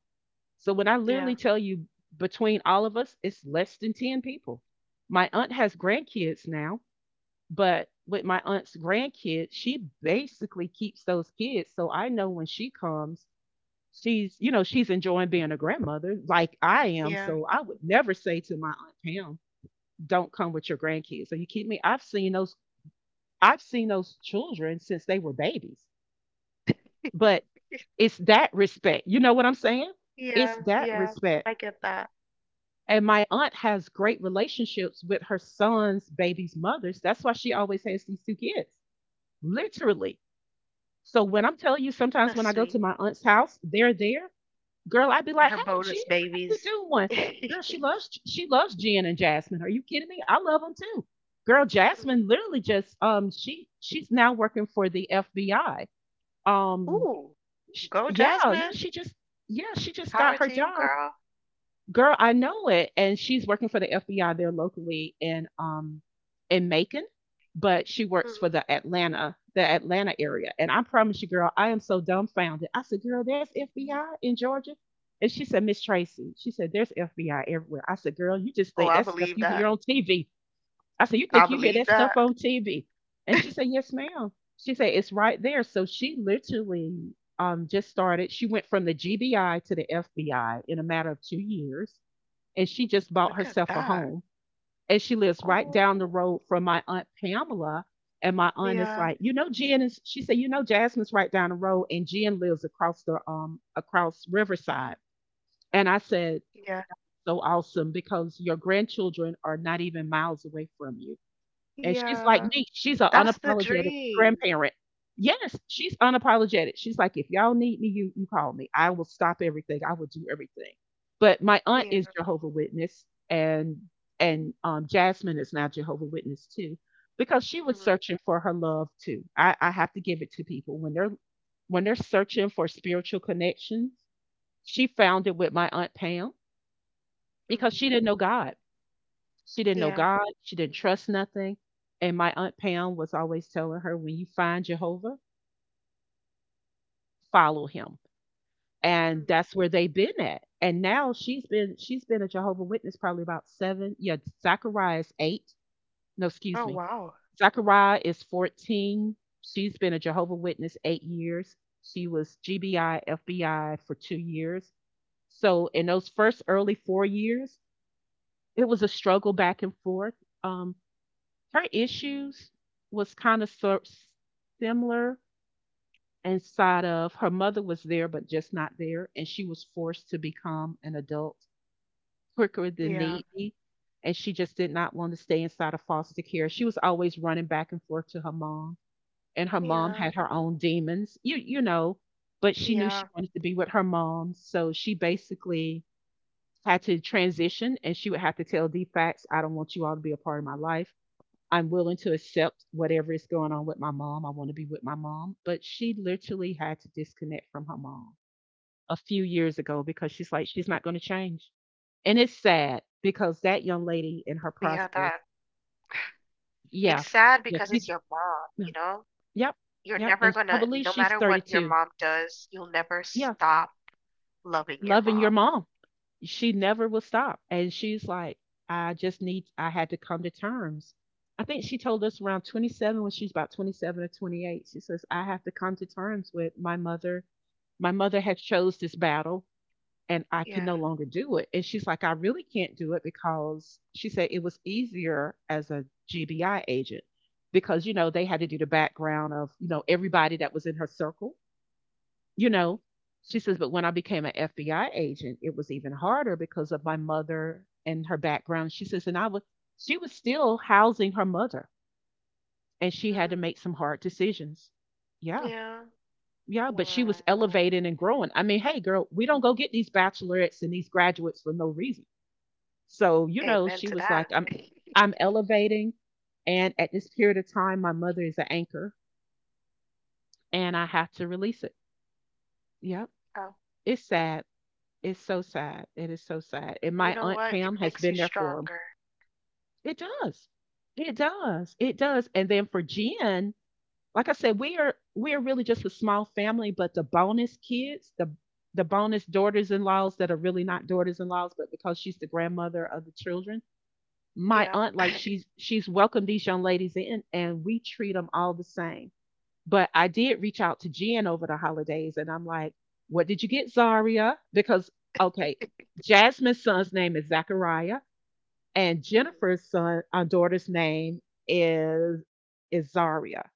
Speaker 1: So when I
Speaker 2: yeah,
Speaker 1: literally tell you between all of us, it's less than 10 people. My aunt has grandkids now but with my aunt's grandkids, she basically keeps those kids. So I know when she comes, she's enjoying being a grandmother like I am.
Speaker 2: yeah.
Speaker 1: So I would never say to my aunt Pam, don't come with your grandkids. Are you kidding me? I've seen those children since they were babies. But it's that respect. You know what I'm saying? It's
Speaker 2: Yeah,
Speaker 1: that
Speaker 2: yeah.
Speaker 1: respect.
Speaker 2: I get that.
Speaker 1: And my aunt has great relationships with her son's baby's mothers. That's why she always has these two kids. Literally. So when I'm telling you, sometimes when
Speaker 2: That's
Speaker 1: I go to
Speaker 2: sweet.
Speaker 1: my aunt's house, they're there. Girl, I'd be like,
Speaker 2: Her
Speaker 1: "Hey, Jen,
Speaker 2: bonus
Speaker 1: how you
Speaker 2: babies.
Speaker 1: doing?" Girl, she loves Jen and Jasmine. Are you kidding me? I love them too. Girl,
Speaker 2: Mhm.
Speaker 1: Jasmine literally just she's now working for the FBI. Um,
Speaker 2: Ooh,
Speaker 1: sh
Speaker 2: go
Speaker 1: yeah,
Speaker 2: Jasmine.
Speaker 1: yeah she just got
Speaker 2: Power
Speaker 1: her
Speaker 2: to you,
Speaker 1: job.
Speaker 2: girl.
Speaker 1: Girl, I know it. And she's working for the FBI there locally in Macon, but she works for
Speaker 2: Mhm.
Speaker 1: the Atlanta area. And I promise you, girl, I am so dumbfounded. I said, girl, there's FBI in Georgia. And she said, Miss Tracy, she said, there's FBI everywhere. I said, girl, you just
Speaker 2: Oh,
Speaker 1: think
Speaker 2: I
Speaker 1: that stuff
Speaker 2: believe
Speaker 1: you hear
Speaker 2: that.
Speaker 1: on TV. I said, you
Speaker 2: I
Speaker 1: think you hear that
Speaker 2: believe
Speaker 1: stuff
Speaker 2: that.
Speaker 1: on TV? And she said, yes, ma'am. She said, it's right there. So she literally just started. She went from the GBI to the FBI in a matter of 2 years and she just bought
Speaker 2: Look at
Speaker 1: herself a
Speaker 2: that.
Speaker 1: home. And she lives right down the
Speaker 2: Oh,
Speaker 1: road from my aunt Pamela. And my aunt is
Speaker 2: yeah,
Speaker 1: like, you know, Jen is. She said, you know, Jasmine's right down the road, and Jen lives across the across Riverside. And I said,
Speaker 2: yeah,
Speaker 1: so awesome because your grandchildren are not even miles away from you. And she's like
Speaker 2: yeah.
Speaker 1: me, she's an
Speaker 2: That's the
Speaker 1: unapologetic
Speaker 2: dream.
Speaker 1: grandparent. Yes, she's unapologetic. She's like, if y'all need me, you call me. I will stop everything. I will do everything. But my aunt
Speaker 2: Yeah.
Speaker 1: is Jehovah Witness, and Jasmine is now Jehovah Witness too, because she was
Speaker 2: Mhm,
Speaker 1: searching for her love too. I have to give it to people when they're searching for spiritual connections. She found it with my aunt Pam because
Speaker 2: mhm.
Speaker 1: she didn't know God. She didn't know
Speaker 2: Yeah.
Speaker 1: God. She didn't trust nothing. And my Aunt Pam was always telling her, when you find Jehovah, follow him. And
Speaker 2: Mhm.
Speaker 1: that's where they've been at. And now she's been a Jehovah Witness probably about seven. Yeah, Zachariah is eight. No, excuse
Speaker 2: Oh,
Speaker 1: me.
Speaker 2: wow.
Speaker 1: Zachariah is 14. She's been a Jehovah Witness 8 years. She was GBI, FBI for 2 years. So in those first early 4 years, it was a struggle back and forth. Um, her issues was kind of similar inside of her mother was there but just not there and she was forced to become an adult quicker than
Speaker 2: Yeah.
Speaker 1: needy and she just did not want to stay inside of foster care she was always running back and forth to her mom and her mom
Speaker 2: Yeah.
Speaker 1: had her own demons you know but she knew she
Speaker 2: Yeah.
Speaker 1: wanted to be with her mom so she basically had to transition and she would have to tell d facts I don't want you all to be a part of my life. I'm willing to accept whatever is going on with my mom. I want to be with my mom. But she literally had to disconnect from her mom a few years ago because she's like, she's not going to change. And it's sad because that young lady in her
Speaker 2: Yeah,
Speaker 1: process,
Speaker 2: that
Speaker 1: yeah,
Speaker 2: it's sad
Speaker 1: yeah,
Speaker 2: because it's
Speaker 1: it's-
Speaker 2: your mom,
Speaker 1: yeah,
Speaker 2: you know?
Speaker 1: yep,
Speaker 2: You're
Speaker 1: yep.
Speaker 2: never
Speaker 1: And I
Speaker 2: gonna,
Speaker 1: believe
Speaker 2: no
Speaker 1: she's
Speaker 2: matter what your
Speaker 1: 32.
Speaker 2: mom does, you'll never
Speaker 1: Yeah,
Speaker 2: stop loving your
Speaker 1: loving your
Speaker 2: mom.
Speaker 1: mom. She never will stop. And she's like, I just need, I had to come to terms. I think she told us around 27 when she's about 27 or 28. She says, I have to come to terms with my mother. My mother had chose this battle and I can
Speaker 2: Yeah.
Speaker 1: no longer do it. And she's like, I really can't do it because she said it was easier as a GBI agent because, you know, they had to do the background of, you know, everybody that was in her circle, you know,
Speaker 2: Mm-hmm.
Speaker 1: she says, but when I became an FBI agent, it was even harder because of my mother and her background. She says, and I was, she was still housing her mother and she had to make some hard decisions. Yeah.
Speaker 2: Yeah.
Speaker 1: Yeah. But she
Speaker 2: Wow.
Speaker 1: was elevating and growing. I mean, hey, girl, we don't go get these bachelorettes and these graduates for no reason. So,
Speaker 2: Amen
Speaker 1: you
Speaker 2: to
Speaker 1: know,
Speaker 2: that.
Speaker 1: she was like, I'm elevating. And at this period of time, my mother is an anchor and I have to release it. Yep.
Speaker 2: Oh,
Speaker 1: It's sad. It's so sad. It is so sad. And
Speaker 2: you
Speaker 1: my
Speaker 2: know
Speaker 1: aunt
Speaker 2: what? It
Speaker 1: Pam has
Speaker 2: makes you
Speaker 1: been there for him.
Speaker 2: stronger.
Speaker 1: It does. It does. It does. And then for Jen, like I said, we are really just a small family, but the bonus kids, the bonus daughters-in-laws that are really not daughters-in-laws, but because she's the grandmother of the children, my
Speaker 2: Yeah.
Speaker 1: aunt, like, she's welcomed these young ladies in, and we treat them all the same. But I did reach out to Jen over the holidays and I'm like, what did you get, Zaria? Because, okay, Jasmine's son's name is Zachariah and
Speaker 2: Mhm.
Speaker 1: Jennifer's son, daughter's name is, is Zaria.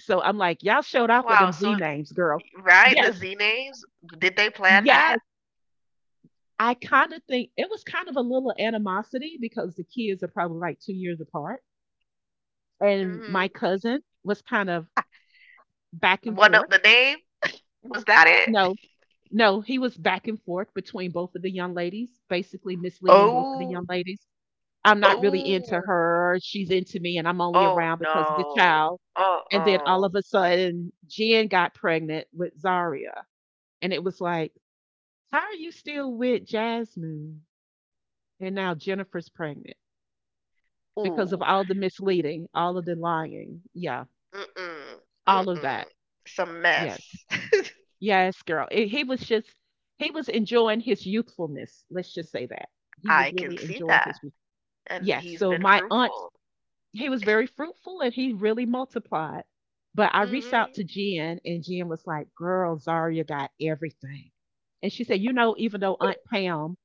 Speaker 1: So I'm like, y'all showed off with
Speaker 2: Wow.
Speaker 1: them
Speaker 2: So,
Speaker 1: Z names, girl.
Speaker 2: right, the
Speaker 1: Yes,
Speaker 2: Z names, did they plan
Speaker 1: yes.
Speaker 2: that?
Speaker 1: I kind of think it was kind of a little animosity because the kids are probably like 2 years apart. And my
Speaker 2: Hmm.
Speaker 1: cousin was kind of back and
Speaker 2: One of
Speaker 1: forth.
Speaker 2: the name, was that it?
Speaker 1: No, no, he was back and forth between both of the young ladies, basically misleading both of the
Speaker 2: Oh,
Speaker 1: young ladies. I'm not really into
Speaker 2: oh.
Speaker 1: her. She's into me, and I'm only
Speaker 2: Oh,
Speaker 1: around because of the
Speaker 2: no.
Speaker 1: child.
Speaker 2: Uh
Speaker 1: And then all of
Speaker 2: oh!
Speaker 1: a sudden, Jen got pregnant with Zaria. And it was like, how are you still with Jasmine? And now Jennifer's pregnant because of
Speaker 2: Ooh.
Speaker 1: all the misleading, all of the lying. Yeah,
Speaker 2: Mm-mm.
Speaker 1: all of that.
Speaker 2: Mm-mm. It's a
Speaker 1: Yes.
Speaker 2: mess.
Speaker 1: Yes, girl. He was just he was enjoying his youthfulness. Let's just say that. He
Speaker 2: I
Speaker 1: was
Speaker 2: can
Speaker 1: really
Speaker 2: see
Speaker 1: enjoying
Speaker 2: that.
Speaker 1: his youth.
Speaker 2: And
Speaker 1: Yes.
Speaker 2: he's
Speaker 1: So
Speaker 2: been
Speaker 1: my aunt,
Speaker 2: fruitful.
Speaker 1: he was very fruitful and he really multiplied. But I reached out
Speaker 2: Hmm.
Speaker 1: to Jen and Jen was like, girl, Zaria got everything. And she said, you know, even though Aunt Pam,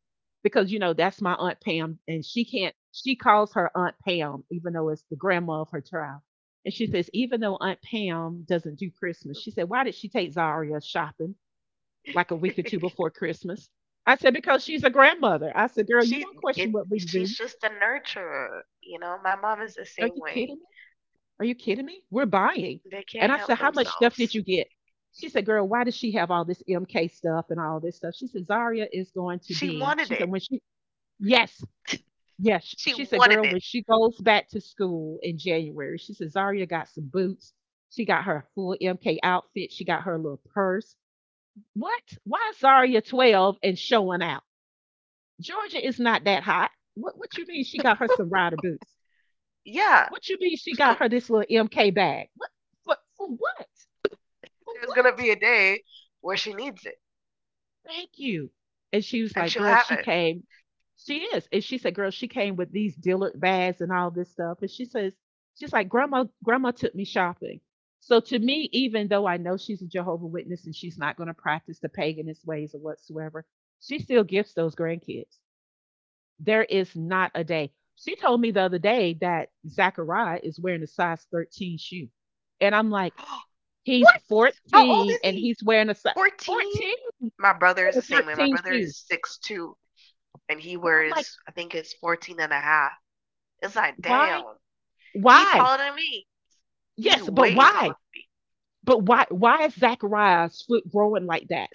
Speaker 1: because you know, that's my Aunt Pam, and she can't she calls her Aunt Pam, even though it's the grandma of her child. And she says, even though Aunt Pam doesn't do Christmas, she said, why did she take Zaria shopping like a week or two before Christmas? I said, because she's a grandmother. I said, girl, you don't
Speaker 2: She it
Speaker 1: question what we
Speaker 2: she's
Speaker 1: do.
Speaker 2: just a nurturer, you know. My mom is the
Speaker 1: Are
Speaker 2: same
Speaker 1: you
Speaker 2: way.
Speaker 1: kidding me? Are you kidding me? We're buying.
Speaker 2: They can't
Speaker 1: And I
Speaker 2: help
Speaker 1: said, how much stuff did
Speaker 2: themselves.
Speaker 1: you get? She said, girl, why does she have all this MK stuff and all this stuff? She said, Zaria is going to
Speaker 2: She
Speaker 1: be,
Speaker 2: wanted
Speaker 1: she said,
Speaker 2: it.
Speaker 1: yes, yes.
Speaker 2: She
Speaker 1: She said,
Speaker 2: wanted
Speaker 1: girl,
Speaker 2: it.
Speaker 1: when she goes back to school in January, she said, Zaria got some boots. She got her full MK outfit. She got her little purse. What? Why is Zaria 12 and showing out? Georgia is not that hot. What you mean she got her some rider boots?
Speaker 2: Yeah.
Speaker 1: What you mean she
Speaker 2: 'Cause
Speaker 1: got her this little MK bag? What for what? For
Speaker 2: there's gonna be
Speaker 1: what?
Speaker 2: a day where she needs it
Speaker 1: Thank you. And she was
Speaker 2: and
Speaker 1: like,
Speaker 2: she'll
Speaker 1: girl,
Speaker 2: have
Speaker 1: she
Speaker 2: it.
Speaker 1: came. She is. And she said, girl, she came with these Dillard bags and all this stuff. And she says, she's like, grandma, grandma took me shopping. So to me, even though I know she's a Jehovah Witness and she's not going to practice the paganist ways or whatsoever, she still gifts those grandkids. There is not a day. She told me the other day that Zachariah is wearing a size 13 shoe. And I'm like, he's
Speaker 2: What? How old
Speaker 1: 14
Speaker 2: is
Speaker 1: and
Speaker 2: he?
Speaker 1: he's wearing a size
Speaker 2: 14?
Speaker 1: 14
Speaker 2: My brother is
Speaker 1: wearing
Speaker 2: the
Speaker 1: a
Speaker 2: same way. My
Speaker 1: 13
Speaker 2: brother
Speaker 1: shoe.
Speaker 2: is 6'2", and he
Speaker 1: And I'm like,
Speaker 2: wears, I think it's 14.5. It's like,
Speaker 1: why?
Speaker 2: damn, he
Speaker 1: Why?
Speaker 2: taller than me. He's
Speaker 1: Yes, but
Speaker 2: way taller
Speaker 1: why?
Speaker 2: than me.
Speaker 1: But why is Zachariah's foot growing like that?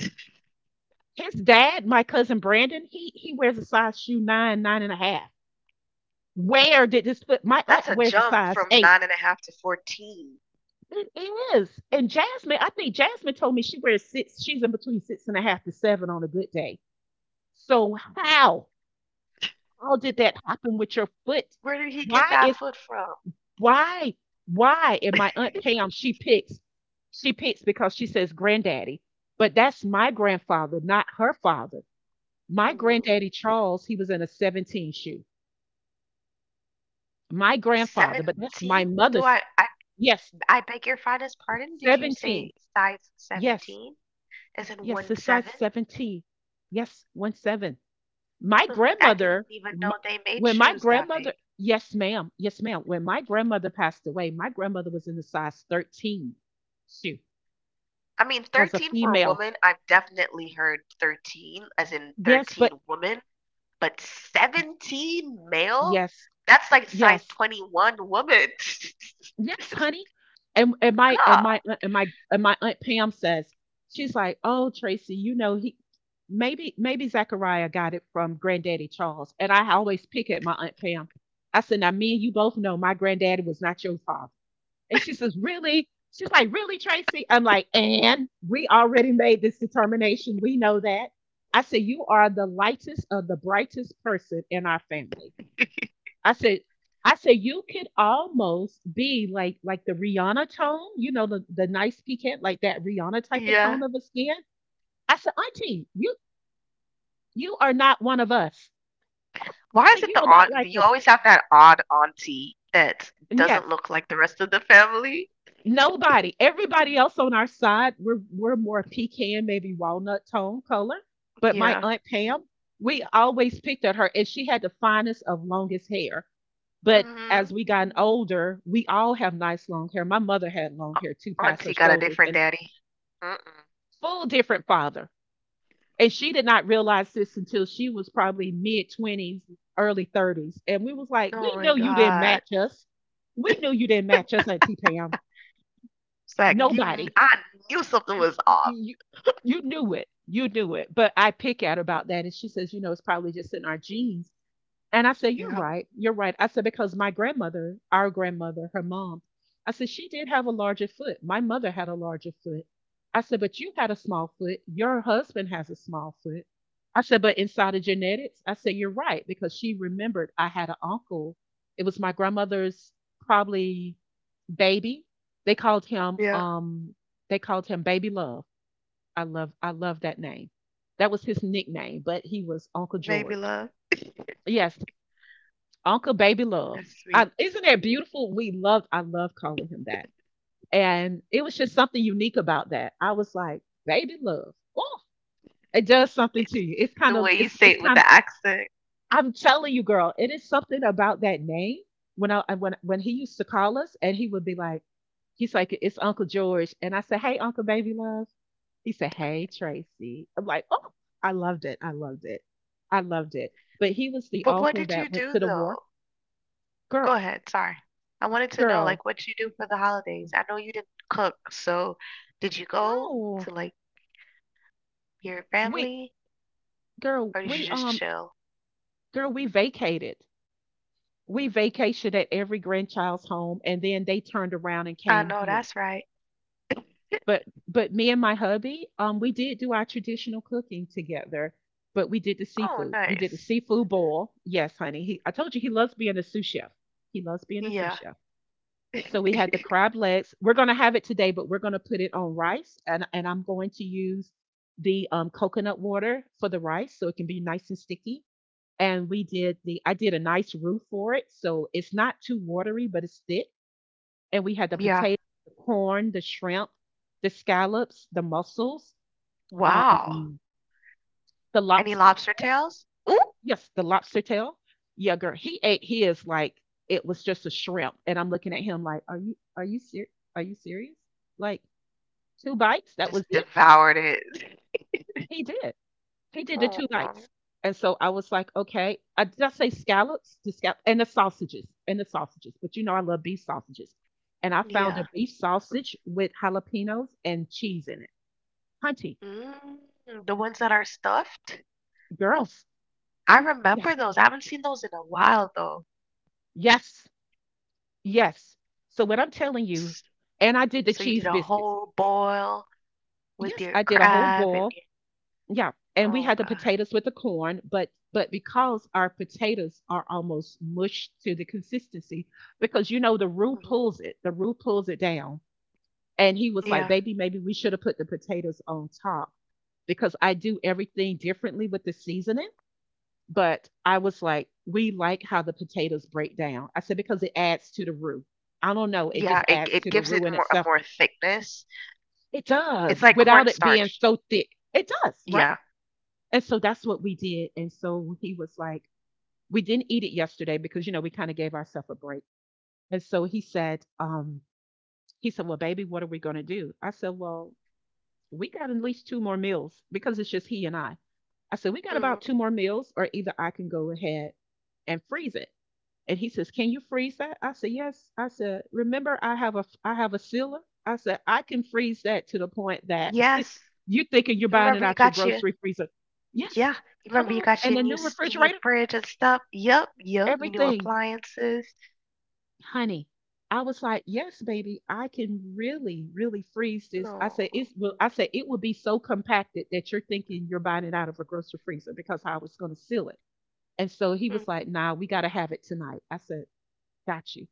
Speaker 1: His dad, my cousin Brandon, he wears a size shoe nine, nine and a half. Where did this foot? My aunt
Speaker 2: That's a
Speaker 1: wears a
Speaker 2: jump
Speaker 1: size
Speaker 2: from
Speaker 1: 8.
Speaker 2: 9.5 to 14.
Speaker 1: It is. And Jasmine, I think Jasmine told me she wears 6, she's in between six and a half to seven on a good day. So how? How did that happen with your foot?
Speaker 2: Where did he get
Speaker 1: Why
Speaker 2: that
Speaker 1: is
Speaker 2: foot from?
Speaker 1: why? Why? And my Aunt Pam, she picks because she says granddaddy. But that's my grandfather, not her father. My
Speaker 2: Hmm,
Speaker 1: granddaddy Charles, he was in a 17 shoe. My grandfather, but that's my
Speaker 2: 17? Do
Speaker 1: mother's.
Speaker 2: I, I,
Speaker 1: Yes,
Speaker 2: I beg your finest pardon? Did you
Speaker 1: 17.
Speaker 2: say size
Speaker 1: Yes,
Speaker 2: 17? As in
Speaker 1: yes,
Speaker 2: one
Speaker 1: it's size
Speaker 2: seven?
Speaker 1: 17. Yes, 17. My
Speaker 2: I didn't
Speaker 1: grandmother,
Speaker 2: even
Speaker 1: m
Speaker 2: know they made
Speaker 1: when my
Speaker 2: shoes that
Speaker 1: grandmother,
Speaker 2: big.
Speaker 1: yes, ma'am, yes, ma'am. When my grandmother passed away, my grandmother was in the size 13 shoe
Speaker 2: I mean,
Speaker 1: as a
Speaker 2: 13 for a
Speaker 1: female.
Speaker 2: woman, I've definitely heard 13, as in
Speaker 1: Yes, but
Speaker 2: 13 woman, but 17 male?
Speaker 1: yes,
Speaker 2: That's like size
Speaker 1: yes.
Speaker 2: 21 woman.
Speaker 1: Yes, honey. And my and
Speaker 2: God.
Speaker 1: my and my and my aunt Pam says she's like, oh Tracy, you know he maybe Zachariah got it from Granddaddy Charles. And I always pick at my aunt Pam. I said, now me and you both know my granddaddy was not your father. And she says, really? She's like, really, Tracy? I'm like, and we already made this determination. We know that. I said, you are the lightest of the brightest person in our family. I said, I said you could almost be like the Rihanna tone, you know, the nice piquant, like that Rihanna type of
Speaker 2: Yeah.
Speaker 1: tone of a skin. I said, Auntie, you are not one of us. I
Speaker 2: Why
Speaker 1: said,
Speaker 2: is it
Speaker 1: you
Speaker 2: the
Speaker 1: are not
Speaker 2: aunt? Do
Speaker 1: like
Speaker 2: you
Speaker 1: us.
Speaker 2: always have that odd auntie that
Speaker 1: And
Speaker 2: doesn't
Speaker 1: yes,
Speaker 2: look like the rest of the family?
Speaker 1: nobody. Everybody else on our side, we're more pecan, maybe walnut tone color. But my
Speaker 2: Yeah.
Speaker 1: aunt Pam, we always picked at her, and she had the finest of longest hair. But
Speaker 2: Mm-hmm.
Speaker 1: as we gotten older, we all have nice long hair. My mother had long hair too, past
Speaker 2: Auntie
Speaker 1: her
Speaker 2: got a
Speaker 1: shoulders,
Speaker 2: different
Speaker 1: and
Speaker 2: daddy. Mm-mm.
Speaker 1: full different father. And she did not realize this until she was probably mid 20s, early 30s. And we was like,
Speaker 2: Oh
Speaker 1: we
Speaker 2: my
Speaker 1: knew you didn't
Speaker 2: God.
Speaker 1: match us. We knew you didn't match us, Auntie Pam.
Speaker 2: It's like you, kn-
Speaker 1: Nobody.
Speaker 2: I knew something
Speaker 1: y-
Speaker 2: was
Speaker 1: y-
Speaker 2: off.
Speaker 1: you knew it, you knew it, but I pick at her about that and she says, you know, it's probably just in our genes. And I said, you're
Speaker 2: Yeah.
Speaker 1: right. You're right. I said, because my grandmother, our grandmother, her mom, I said, she did have a larger foot. My mother had a larger foot. I said, but you had a small foot. Your husband has a small foot. I said, but inside of genetics, I said, you're right. Because she remembered I had an uncle. It was my grandmother's probably baby. They called him,
Speaker 2: Yeah.
Speaker 1: um, they called him Baby Love. I love that name. That was his nickname, but he was Uncle
Speaker 2: Baby
Speaker 1: George.
Speaker 2: love.
Speaker 1: Yes, Uncle Baby Love.
Speaker 2: That's sweet.
Speaker 1: I, isn't that beautiful? I love calling him that. And it was just something unique about that. I was like, Baby Love. Oh, it does something to
Speaker 2: It's
Speaker 1: you.
Speaker 2: the way you say
Speaker 1: It's
Speaker 2: it with
Speaker 1: kind
Speaker 2: the
Speaker 1: of,
Speaker 2: accent.
Speaker 1: I'm telling you, girl, it is something about that name. When he used to call us and he would be like, he's like, it's Uncle George. And I said, hey, Uncle Baby Love. He said, hey, Tracy. I'm like, oh, I loved it. I loved it. I loved it. But he was the
Speaker 2: But what
Speaker 1: uncle
Speaker 2: did
Speaker 1: that
Speaker 2: you
Speaker 1: went
Speaker 2: do
Speaker 1: to the war.
Speaker 2: though?
Speaker 1: Girl,
Speaker 2: Go ahead, sorry. I wanted to know
Speaker 1: girl,
Speaker 2: like what you do for the holidays. I know you didn't cook, so did you go
Speaker 1: No.
Speaker 2: to like your
Speaker 1: We
Speaker 2: family
Speaker 1: girl,
Speaker 2: or did you
Speaker 1: we
Speaker 2: just chill?
Speaker 1: girl, we vacated. We vacationed at every grandchild's home and then they turned around and
Speaker 2: I
Speaker 1: came
Speaker 2: know
Speaker 1: here.
Speaker 2: that's right.
Speaker 1: But me and my hubby, we did do our traditional cooking together, but we did the
Speaker 2: Oh,
Speaker 1: seafood. We did the
Speaker 2: nice.
Speaker 1: seafood boil. Yes, honey. He I told you he loves being a sous chef. He loves being a sous
Speaker 2: Yeah.
Speaker 1: chef. So we had the crab legs. We're going to have it today, but we're going to put it on rice and I'm going to use the coconut water for the rice so it can be nice and sticky, and we did the I did a nice roof for it, so it's not too watery, but it's thick. And we had the
Speaker 2: Yeah.
Speaker 1: potato, the corn, the shrimp, the scallops, the mussels,
Speaker 2: Wow.
Speaker 1: um, the
Speaker 2: Any
Speaker 1: lobster.
Speaker 2: lobster tails? Ooh,
Speaker 1: Yes, the lobster tail. Yeah, girl, he ate his like it was just a shrimp, and I'm looking at him like, are you serious? Like two bites, that
Speaker 2: just
Speaker 1: was it.
Speaker 2: devoured it.
Speaker 1: He did. He did the
Speaker 2: Oh,
Speaker 1: two
Speaker 2: um,
Speaker 1: nights. And so I was like, okay. I did I say scallops? The scallop and the sausages. And the sausages. But you know I love beef sausages. And I found a
Speaker 2: yeah.
Speaker 1: beef sausage with jalapenos and cheese in it. Hunty,
Speaker 2: Mm, the ones that are stuffed?
Speaker 1: girls.
Speaker 2: I remember
Speaker 1: Yes.
Speaker 2: those. I haven't seen those in a while though.
Speaker 1: Yes. Yes. So what I'm telling you,
Speaker 2: S-
Speaker 1: and I did the
Speaker 2: So you did
Speaker 1: cheese
Speaker 2: a
Speaker 1: biscuits.
Speaker 2: whole boil with
Speaker 1: Yes,
Speaker 2: your
Speaker 1: I did a whole
Speaker 2: crab and
Speaker 1: boil.
Speaker 2: your,
Speaker 1: Yeah, and we
Speaker 2: oh
Speaker 1: had the
Speaker 2: God.
Speaker 1: potatoes with the corn, but because our potatoes are almost mushed to the consistency, because you know
Speaker 2: Mhm.
Speaker 1: the roux pulls it down. And he was like,
Speaker 2: Yeah.
Speaker 1: "Baby, maybe we should have put the potatoes on top because I do everything differently with the seasoning." But I was like, "We like how the potatoes break down." I said because it adds to the roux. I don't know, it just
Speaker 2: Yeah, it
Speaker 1: adds to
Speaker 2: it
Speaker 1: the
Speaker 2: gives
Speaker 1: roux
Speaker 2: it
Speaker 1: in
Speaker 2: more a
Speaker 1: itself.
Speaker 2: more thickness.
Speaker 1: It
Speaker 2: It's
Speaker 1: does,
Speaker 2: like
Speaker 1: without it being
Speaker 2: cornstarch.
Speaker 1: so thick. It does, right?
Speaker 2: Yeah.
Speaker 1: And so that's what we did. And so he was like, we didn't eat it yesterday because, you know, we kind of gave ourselves a break. And so he said, well, baby, what are we going to do? I said, well, we got at least two more meals because it's just he and I. I said, we got about
Speaker 2: Hmm.
Speaker 1: two more meals, or either I can go ahead and freeze it. And he says, can you freeze that? I said, yes. I said, remember, I have a sealer. I said, I can freeze that to the point that
Speaker 2: Yes.
Speaker 1: you're thinking you're buying it
Speaker 2: Remember you
Speaker 1: out your
Speaker 2: got your
Speaker 1: grocery freezer. Yes.
Speaker 2: Yeah.
Speaker 1: Come
Speaker 2: Remember you
Speaker 1: on.
Speaker 2: got
Speaker 1: And
Speaker 2: your
Speaker 1: the new
Speaker 2: your new
Speaker 1: refrigerator
Speaker 2: fridge and stuff. Yep, yep. Your new
Speaker 1: everything,
Speaker 2: appliances.
Speaker 1: honey. I was like, yes, baby, I can really, really freeze this.
Speaker 2: No.
Speaker 1: I said it will be so compacted that you're thinking you're buying it out of a grocery freezer because I was gonna seal it. And so he was
Speaker 2: Mhm.
Speaker 1: like, nah, we gotta have it tonight. I said, got you.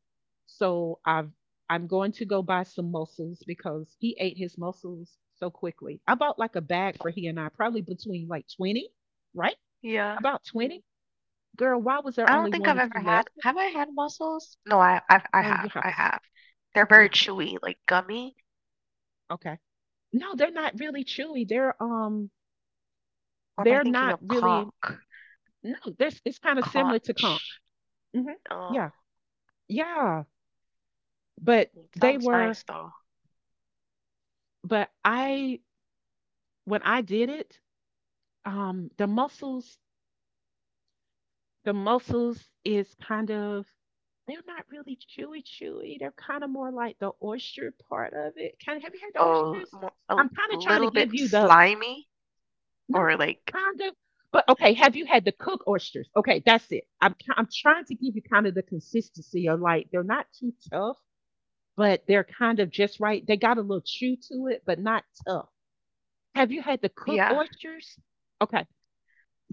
Speaker 1: So I've I'm going to go buy some mussels because he ate his mussels so quickly. I bought like a bag for he and I, probably between like 20, right?
Speaker 2: Yeah.
Speaker 1: About 20. Girl, why was there
Speaker 2: I don't
Speaker 1: only
Speaker 2: think
Speaker 1: one or
Speaker 2: I've ever
Speaker 1: two
Speaker 2: had
Speaker 1: left?
Speaker 2: have I had mussels? No, I've, I
Speaker 1: Girl,
Speaker 2: have.
Speaker 1: you have
Speaker 2: I
Speaker 1: to.
Speaker 2: have. They're very
Speaker 1: Yeah,
Speaker 2: chewy, like gummy.
Speaker 1: okay. No, they're not really chewy.
Speaker 2: Or am I
Speaker 1: They're
Speaker 2: thinking
Speaker 1: not
Speaker 2: of
Speaker 1: really
Speaker 2: conch?
Speaker 1: No, this, it's kind of similar to conch.
Speaker 2: Conch.
Speaker 1: Mhm.
Speaker 2: Oh,
Speaker 1: Yeah. Yeah. But
Speaker 2: mm,
Speaker 1: they
Speaker 2: sounds
Speaker 1: were.
Speaker 2: nice though.
Speaker 1: But I When I did it, the mussels, the mussels is kind of, they're not really chewy chewy. They're kind of more like the oyster part of it. Kind— have you had the
Speaker 2: Oh,
Speaker 1: oysters?
Speaker 2: more, a
Speaker 1: I'm
Speaker 2: l-
Speaker 1: kind of trying to
Speaker 2: little
Speaker 1: give
Speaker 2: bit
Speaker 1: you the—
Speaker 2: slimy
Speaker 1: not
Speaker 2: or like
Speaker 1: kind of. But okay, have you had the cook oysters? Okay, that's it. I'm trying to give you kind of the consistency of like they're not too tough, but they're kind of just right. They got a little chew to it, but not tough. Have you had the cook
Speaker 2: yeah.
Speaker 1: oysters? Okay,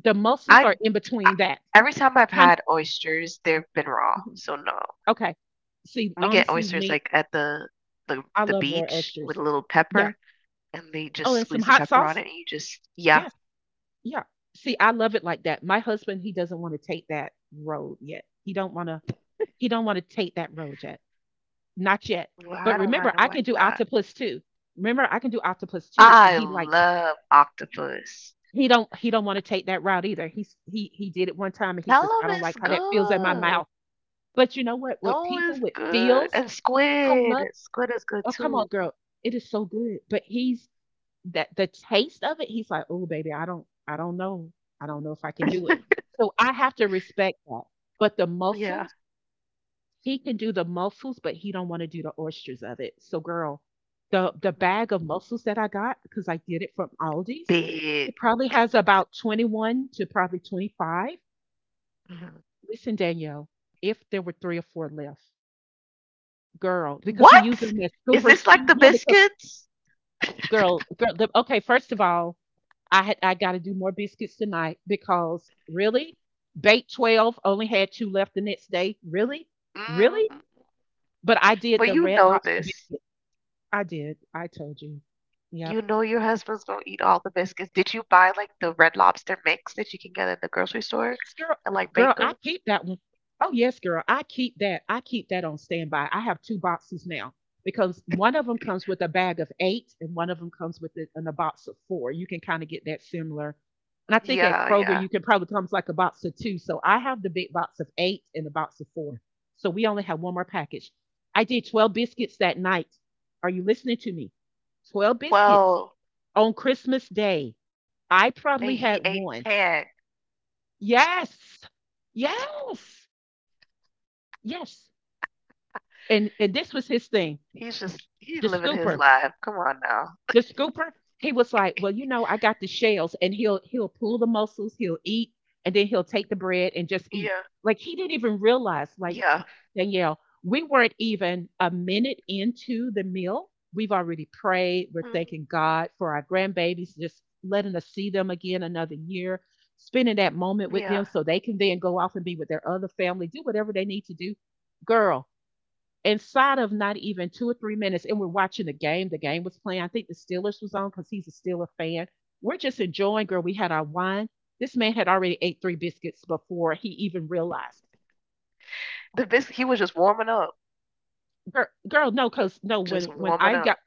Speaker 1: the mussels
Speaker 2: I,
Speaker 1: are in
Speaker 2: I
Speaker 1: between that,
Speaker 2: Every time I've
Speaker 1: kind
Speaker 2: had oysters, they've been raw.
Speaker 1: of. Mm-hmm.
Speaker 2: So no.
Speaker 1: Okay, see,
Speaker 2: We get
Speaker 1: honestly,
Speaker 2: oysters
Speaker 1: me,
Speaker 2: like at the the
Speaker 1: I
Speaker 2: the
Speaker 1: love raw
Speaker 2: beach with
Speaker 1: oysters.
Speaker 2: a little
Speaker 1: Yeah.
Speaker 2: pepper and they
Speaker 1: Oh,
Speaker 2: just
Speaker 1: and some
Speaker 2: squeeze the
Speaker 1: hot
Speaker 2: pepper on
Speaker 1: sauce.
Speaker 2: it and you just yeah.
Speaker 1: Yes. Yeah. See, I love it like that. My husband, he doesn't want to take that road yet. He don't want to take that road yet. Not yet.
Speaker 2: Well,
Speaker 1: But
Speaker 2: I don't
Speaker 1: remember,
Speaker 2: mind
Speaker 1: I
Speaker 2: them
Speaker 1: can
Speaker 2: like
Speaker 1: do
Speaker 2: that.
Speaker 1: octopus too. Remember, I can do octopus too. And
Speaker 2: I
Speaker 1: he likes—
Speaker 2: love octopus.
Speaker 1: he don't want to take that route either. He did it one time and he
Speaker 2: Tell
Speaker 1: says, I
Speaker 2: 'em
Speaker 1: don't
Speaker 2: it's
Speaker 1: like how that feels in my
Speaker 2: good.
Speaker 1: mouth. But you know what? With
Speaker 2: No,
Speaker 1: people
Speaker 2: it's
Speaker 1: with
Speaker 2: good.
Speaker 1: feels,
Speaker 2: And
Speaker 1: I
Speaker 2: squid.
Speaker 1: love—
Speaker 2: Squid is good
Speaker 1: oh come on,
Speaker 2: too.
Speaker 1: girl. It is so good. But he's— that the taste of it, he's like, oh baby, I don't know. I don't know if I can do it. So I have to respect that. But the
Speaker 2: Yeah.
Speaker 1: muscle— he can do the mussels, but he don't want to do the oysters of it. So, girl, the
Speaker 2: Mhm.
Speaker 1: bag of mussels that I got, because I get it from Aldi's, it
Speaker 2: Big.
Speaker 1: probably has about 21 to probably 25.
Speaker 2: Mhm.
Speaker 1: Listen, Danielle, if there were three or four left, girl, because he uses
Speaker 2: What?
Speaker 1: them as
Speaker 2: Is
Speaker 1: scoopers
Speaker 2: this like
Speaker 1: too.
Speaker 2: the
Speaker 1: Yeah, because
Speaker 2: biscuits?
Speaker 1: girl, girl. The— okay, first of all, I got to do more biscuits tonight because really, bait 12 only had two left the next day. Really, really.
Speaker 2: Mm.
Speaker 1: But I did
Speaker 2: But
Speaker 1: the
Speaker 2: you
Speaker 1: red
Speaker 2: know
Speaker 1: lobster
Speaker 2: this.
Speaker 1: biscuit. I did. I told you. Yep.
Speaker 2: You know your husband's gonna eat all the biscuits. Did you buy like the Red Lobster mix that you can get at the grocery
Speaker 1: Oh
Speaker 2: store
Speaker 1: yes, girl.
Speaker 2: and like bake
Speaker 1: Girl, I
Speaker 2: them?
Speaker 1: keep that one. Oh yes, girl. I keep that. I keep that on standby. I have two boxes now because one of them comes with a bag of eight, and one of them comes with a, in a box of four. You can kind of get that similar. And I think at
Speaker 2: Yeah,
Speaker 1: Kroger
Speaker 2: yeah.
Speaker 1: you can probably comes like a box of two. So I have the big box of eight and a box of four. So we only have one more package. I did 12 biscuits that night. Are you listening to me? 12 biscuits
Speaker 2: Well,
Speaker 1: on Christmas Day. I
Speaker 2: and he
Speaker 1: probably
Speaker 2: ate
Speaker 1: had one.
Speaker 2: 10.
Speaker 1: Yes. Yes. Yes. And
Speaker 2: He's
Speaker 1: this was
Speaker 2: just
Speaker 1: his
Speaker 2: he's
Speaker 1: thing.
Speaker 2: living his life. Come
Speaker 1: The
Speaker 2: on
Speaker 1: scooper.
Speaker 2: now.
Speaker 1: The scooper, he was like, "Well, you know, I got the shells," and he'll pull the mussels, he'll eat, and then he'll take the
Speaker 2: Yeah.
Speaker 1: bread and just eat. Like he didn't even
Speaker 2: Yeah.
Speaker 1: realize, like, Danielle, we weren't even a minute into the meal. We've already
Speaker 2: Mm,
Speaker 1: prayed. We're thanking God for our grandbabies, just letting us see them again another year, spending that
Speaker 2: yeah.
Speaker 1: moment with them so they can then go off and be with their other family, do whatever they need to do. Girl, inside of not even 2 or 3 minutes, and we're watching the game. The game was playing. I think the Steelers was on because he's a Steelers fan. We're just enjoying, girl. We had our wine. This man had already ate three biscuits before he even realized.
Speaker 2: The bis He was just warming up.
Speaker 1: Girl, girl, no, cause no,
Speaker 2: Just
Speaker 1: when
Speaker 2: warming
Speaker 1: I
Speaker 2: up.
Speaker 1: got—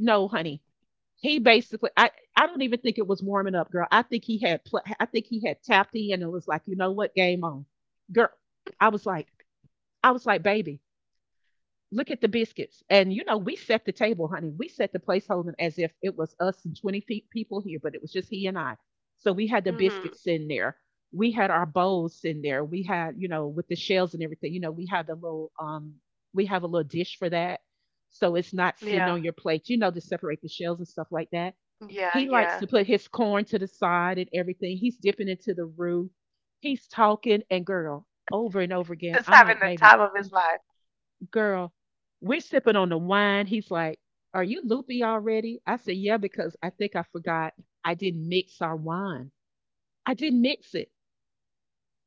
Speaker 1: no, honey, he basically— I don't even think it was warming up, girl. I think he had pl-— I think he had tapped in and it was like, you know what, game on, girl. I was like, baby, look at the biscuits. And, you know, we set the table, honey. We set the placeholder as if it was us and 20 fe- people here, but it was just he and I. So we had the
Speaker 2: Mhm.
Speaker 1: biscuits in there. We had our bowls in there. We had, you know, with the shells and everything, you know, we had the little, we have a little dish for that. So it's not sitting
Speaker 2: Yeah.
Speaker 1: on your plate, you know, to separate the shells and stuff like that.
Speaker 2: Yeah,
Speaker 1: He likes
Speaker 2: yeah.
Speaker 1: to put his corn to the side and everything. He's dipping into the roux. He's talking and girl over and over again.
Speaker 2: Just
Speaker 1: I'm
Speaker 2: having
Speaker 1: like,
Speaker 2: the
Speaker 1: baby—
Speaker 2: time of his life.
Speaker 1: girl, we're sipping on the wine. He's like, are you loopy already? I said, yeah, because I think I forgot— I didn't mix our wine. I didn't mix it.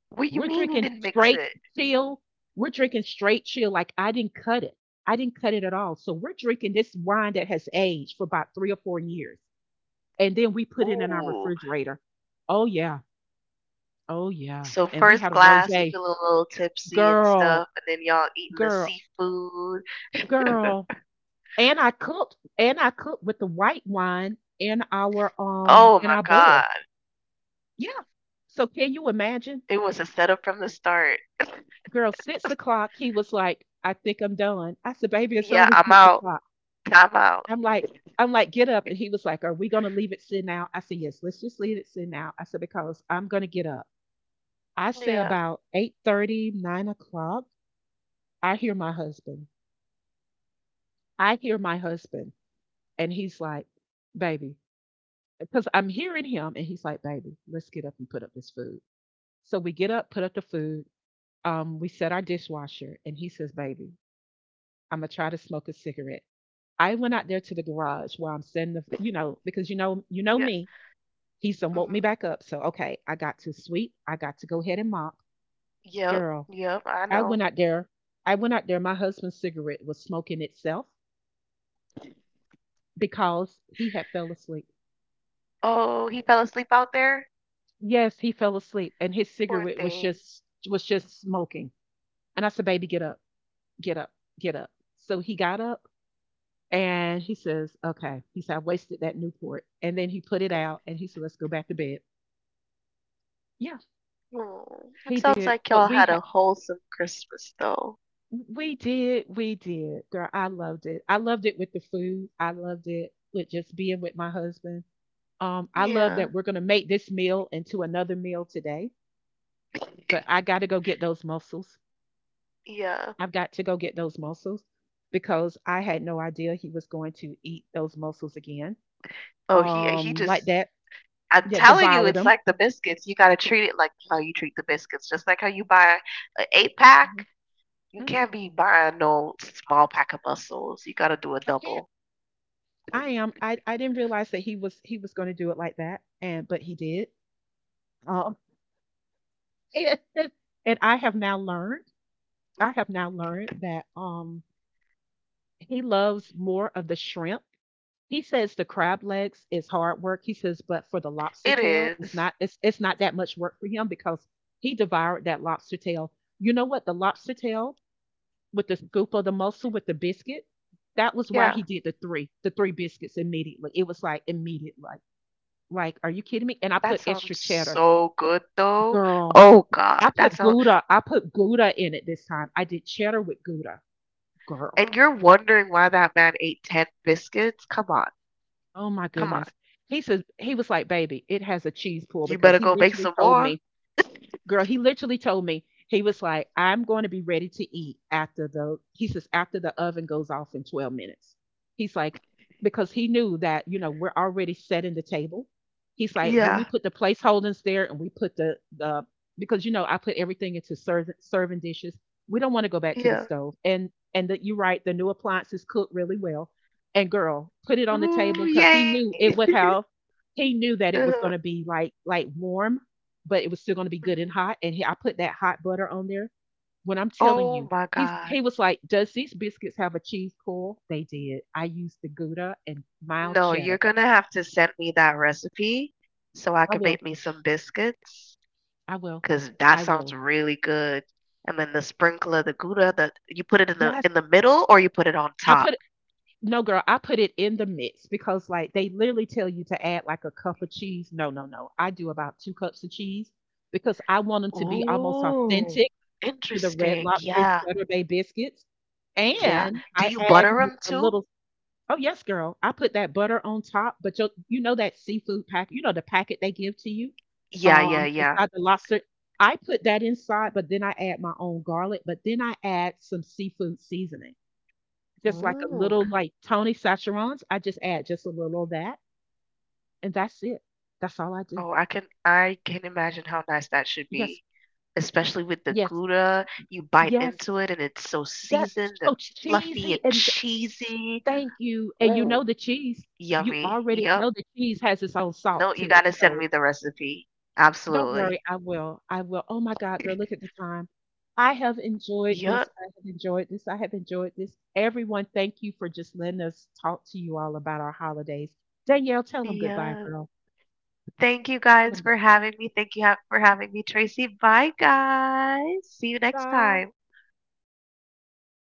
Speaker 2: What you
Speaker 1: We're
Speaker 2: mean he
Speaker 1: drinking
Speaker 2: didn't mix
Speaker 1: straight
Speaker 2: it?
Speaker 1: chill. We're drinking straight chill. Like I didn't cut it. I didn't cut it at all. So we're drinking this wine that has aged for about 3 or 4 years. And then we put it in our
Speaker 2: Ooh.
Speaker 1: refrigerator. Oh yeah. Oh yeah.
Speaker 2: So
Speaker 1: And we
Speaker 2: first
Speaker 1: had a rose.
Speaker 2: glass, you feeling a little tipsy and
Speaker 1: Girl,
Speaker 2: stuff, and then y'all eating the
Speaker 1: girl,
Speaker 2: seafood.
Speaker 1: girl. And I cooked, and I cooked with the white wine
Speaker 2: Oh
Speaker 1: in
Speaker 2: my
Speaker 1: our bowl.
Speaker 2: God.
Speaker 1: Yeah. So can you imagine?
Speaker 2: It was a setup from the start.
Speaker 1: Girl, 6 o'clock. He was like, "I think I'm done." I said, "Baby, it's
Speaker 2: Yeah,
Speaker 1: only
Speaker 2: I'm
Speaker 1: six
Speaker 2: out.
Speaker 1: o'clock.
Speaker 2: Time out.
Speaker 1: I'm like I'm like, 'Get up.'" And he was like, "Are we gonna leave it sitting out?" I said, "Yes, let's just leave it sitting out." I said, "Because I'm gonna get up." I say
Speaker 2: Yeah.
Speaker 1: about 8:30, 9 o'clock, I hear my husband. I hear my husband, and he's like, "Baby,"— because I'm hearing him, and he's like, "Baby, let's get up and put up this food." So we get up, put up the food. We set our dishwasher, and he says, "Baby, I'm gonna try to smoke a cigarette." I went out there to the garage where I'm sitting, the, you know, because you know
Speaker 2: Yeah.
Speaker 1: me. He's done woke me
Speaker 2: Hmm.
Speaker 1: back up. So okay, I got to sweep. I got to go ahead and mop.
Speaker 2: Yep.
Speaker 1: Girl,
Speaker 2: Yep. I
Speaker 1: I
Speaker 2: know.
Speaker 1: went out there. I went out there. My husband's cigarette was smoking itself because he had fell asleep.
Speaker 2: Oh, he fell asleep out there?
Speaker 1: Yes, he fell asleep, and his
Speaker 2: Poor
Speaker 1: cigarette was
Speaker 2: thing.
Speaker 1: just— was just smoking. And I said, baby, get up, get up, get up. So he got up and he says, okay. He said, I wasted that Newport. And then he put it out and he said, let's go back to bed. Yeah,
Speaker 2: Oh, it
Speaker 1: he
Speaker 2: sounds
Speaker 1: did.
Speaker 2: like
Speaker 1: But
Speaker 2: y'all
Speaker 1: we
Speaker 2: had
Speaker 1: had—
Speaker 2: a wholesome Christmas though.
Speaker 1: we did. Girl, I loved it. I loved it with the food. I loved it with just being with my husband. I love that
Speaker 2: Yeah,
Speaker 1: we're going to make this meal into another meal today, but I got to go get those mussels.
Speaker 2: yeah.
Speaker 1: I've got to go get those mussels because I had no idea he was going to eat those mussels again.
Speaker 2: Oh, he
Speaker 1: Um, like
Speaker 2: just
Speaker 1: that—
Speaker 2: I'm
Speaker 1: that
Speaker 2: telling you,
Speaker 1: devoured
Speaker 2: it's
Speaker 1: them.
Speaker 2: like the biscuits. You gotta treat it like how you treat the biscuits. Just like how you buy an eight
Speaker 1: Mhm.
Speaker 2: pack, you
Speaker 1: Mhm.
Speaker 2: can't be buying no small pack of mussels. You gotta do a
Speaker 1: I can't.
Speaker 2: double.
Speaker 1: I am. I didn't realize that he was going to do it like that, and but he did. Um, and, and I have now learned. I have now learned that he loves more of the shrimp. He says the crab legs is hard work. He says, but for the lobster
Speaker 2: It
Speaker 1: tail, it's
Speaker 2: is.
Speaker 1: not. It's not that much work for him because he devoured that lobster tail. You know what? The lobster tail with the scoop of the mussel with the biscuit. That was why
Speaker 2: Yeah.
Speaker 1: he did the three biscuits immediately. It was like immediate, like, are you kidding me? And I
Speaker 2: That
Speaker 1: put extra
Speaker 2: sounds
Speaker 1: cheddar,
Speaker 2: so good though.
Speaker 1: girl.
Speaker 2: Oh
Speaker 1: I
Speaker 2: God, that
Speaker 1: put
Speaker 2: sounds.
Speaker 1: Gouda. I put Gouda in it this time. I did cheddar with Gouda, girl.
Speaker 2: And you're wondering why that man ate 10 biscuits? Come on,
Speaker 1: Oh my
Speaker 2: come on.
Speaker 1: goodness. He says— he was like, baby, it has a cheese pull
Speaker 2: You
Speaker 1: because
Speaker 2: better
Speaker 1: he
Speaker 2: go make
Speaker 1: literally
Speaker 2: some
Speaker 1: told
Speaker 2: more.
Speaker 1: me— girl, he literally told me, he was like, I'm going to be ready to eat after the— he says, after the oven goes off in 12 minutes. He's like, because he knew that, you know, we're already setting the table. He's like, when we
Speaker 2: Yeah,
Speaker 1: put the placeholders there and we put the, because, you know, I put everything into serving, serving dishes. We don't want to go back to the
Speaker 2: yeah.
Speaker 1: stove. And that you're right, the new appliances cook really well. And girl, put it on the
Speaker 2: Ooh,
Speaker 1: table because he
Speaker 2: yay.
Speaker 1: knew it would have— he knew that it was
Speaker 2: Uh-huh.
Speaker 1: going to be like warm, but it was still going to be good and
Speaker 2: Mhm.
Speaker 1: hot. And he— I put that hot butter on there. When I'm telling
Speaker 2: Oh
Speaker 1: you,
Speaker 2: my
Speaker 1: he's—
Speaker 2: God.
Speaker 1: he was like, "Does these biscuits have a cheese pull?" They did. I used the Gouda and mild
Speaker 2: No, you're
Speaker 1: cheddar.
Speaker 2: gonna have to send me that recipe so I
Speaker 1: I
Speaker 2: can
Speaker 1: will.
Speaker 2: make me some biscuits,
Speaker 1: I will.
Speaker 2: 'cause that
Speaker 1: I
Speaker 2: sounds
Speaker 1: will.
Speaker 2: really good. And then the sprinkler, the gouda, the you put it in the
Speaker 1: Yes,
Speaker 2: in the middle or you put it on
Speaker 1: I
Speaker 2: top.
Speaker 1: put— no girl. I put it in the mix, because like they literally tell you to add like a cup of cheese. No, no, no. I do about two cups of cheese because I want them to be almost
Speaker 2: Ooh,
Speaker 1: authentic to the Red
Speaker 2: interesting.
Speaker 1: Lobster
Speaker 2: Yeah,
Speaker 1: Cheddar Bay biscuits.
Speaker 2: yeah.
Speaker 1: And
Speaker 2: Do
Speaker 1: I
Speaker 2: you
Speaker 1: add
Speaker 2: butter
Speaker 1: me
Speaker 2: them
Speaker 1: a
Speaker 2: too?
Speaker 1: little— oh yes, girl. I put that butter on top, but you— you know that seafood packet, you know the packet they give to you,
Speaker 2: Yeah, yeah, yeah.
Speaker 1: inside the lobster. I put that inside, but then I add my own garlic, but then I add some seafood seasoning, just like a
Speaker 2: Ooh.
Speaker 1: little like Tony Sacherons. I just add just a little of that, and that's it. That's all I do.
Speaker 2: Oh, I can imagine how nice that should
Speaker 1: Yes,
Speaker 2: be, especially with the
Speaker 1: yes,
Speaker 2: Gouda. You bite
Speaker 1: yes.
Speaker 2: into it and it's so
Speaker 1: That's
Speaker 2: seasoned and
Speaker 1: so
Speaker 2: fluffy
Speaker 1: cheesy,
Speaker 2: and
Speaker 1: and
Speaker 2: cheesy.
Speaker 1: thank you. And you know
Speaker 2: Ooh,
Speaker 1: the cheese. You
Speaker 2: yummy.
Speaker 1: already
Speaker 2: Yep.
Speaker 1: know the cheese has its own salt
Speaker 2: No, you
Speaker 1: to it,
Speaker 2: gotta send me
Speaker 1: so—
Speaker 2: the recipe.
Speaker 1: don't worry,
Speaker 2: Absolutely.
Speaker 1: I will, I will. Oh my God, girl, look at the time. I have enjoyed
Speaker 2: Yep.
Speaker 1: this. I have enjoyed this. I have enjoyed this. Everyone, thank you for just letting us talk to you all about our holidays. Danielle, tell them goodbye,
Speaker 2: Yeah.
Speaker 1: girl.
Speaker 2: Thank you
Speaker 1: Tell
Speaker 2: guys
Speaker 1: them
Speaker 2: for having me. Thank you ha for having me, Tracy. Bye, guys. See you next
Speaker 1: goodbye.
Speaker 2: time.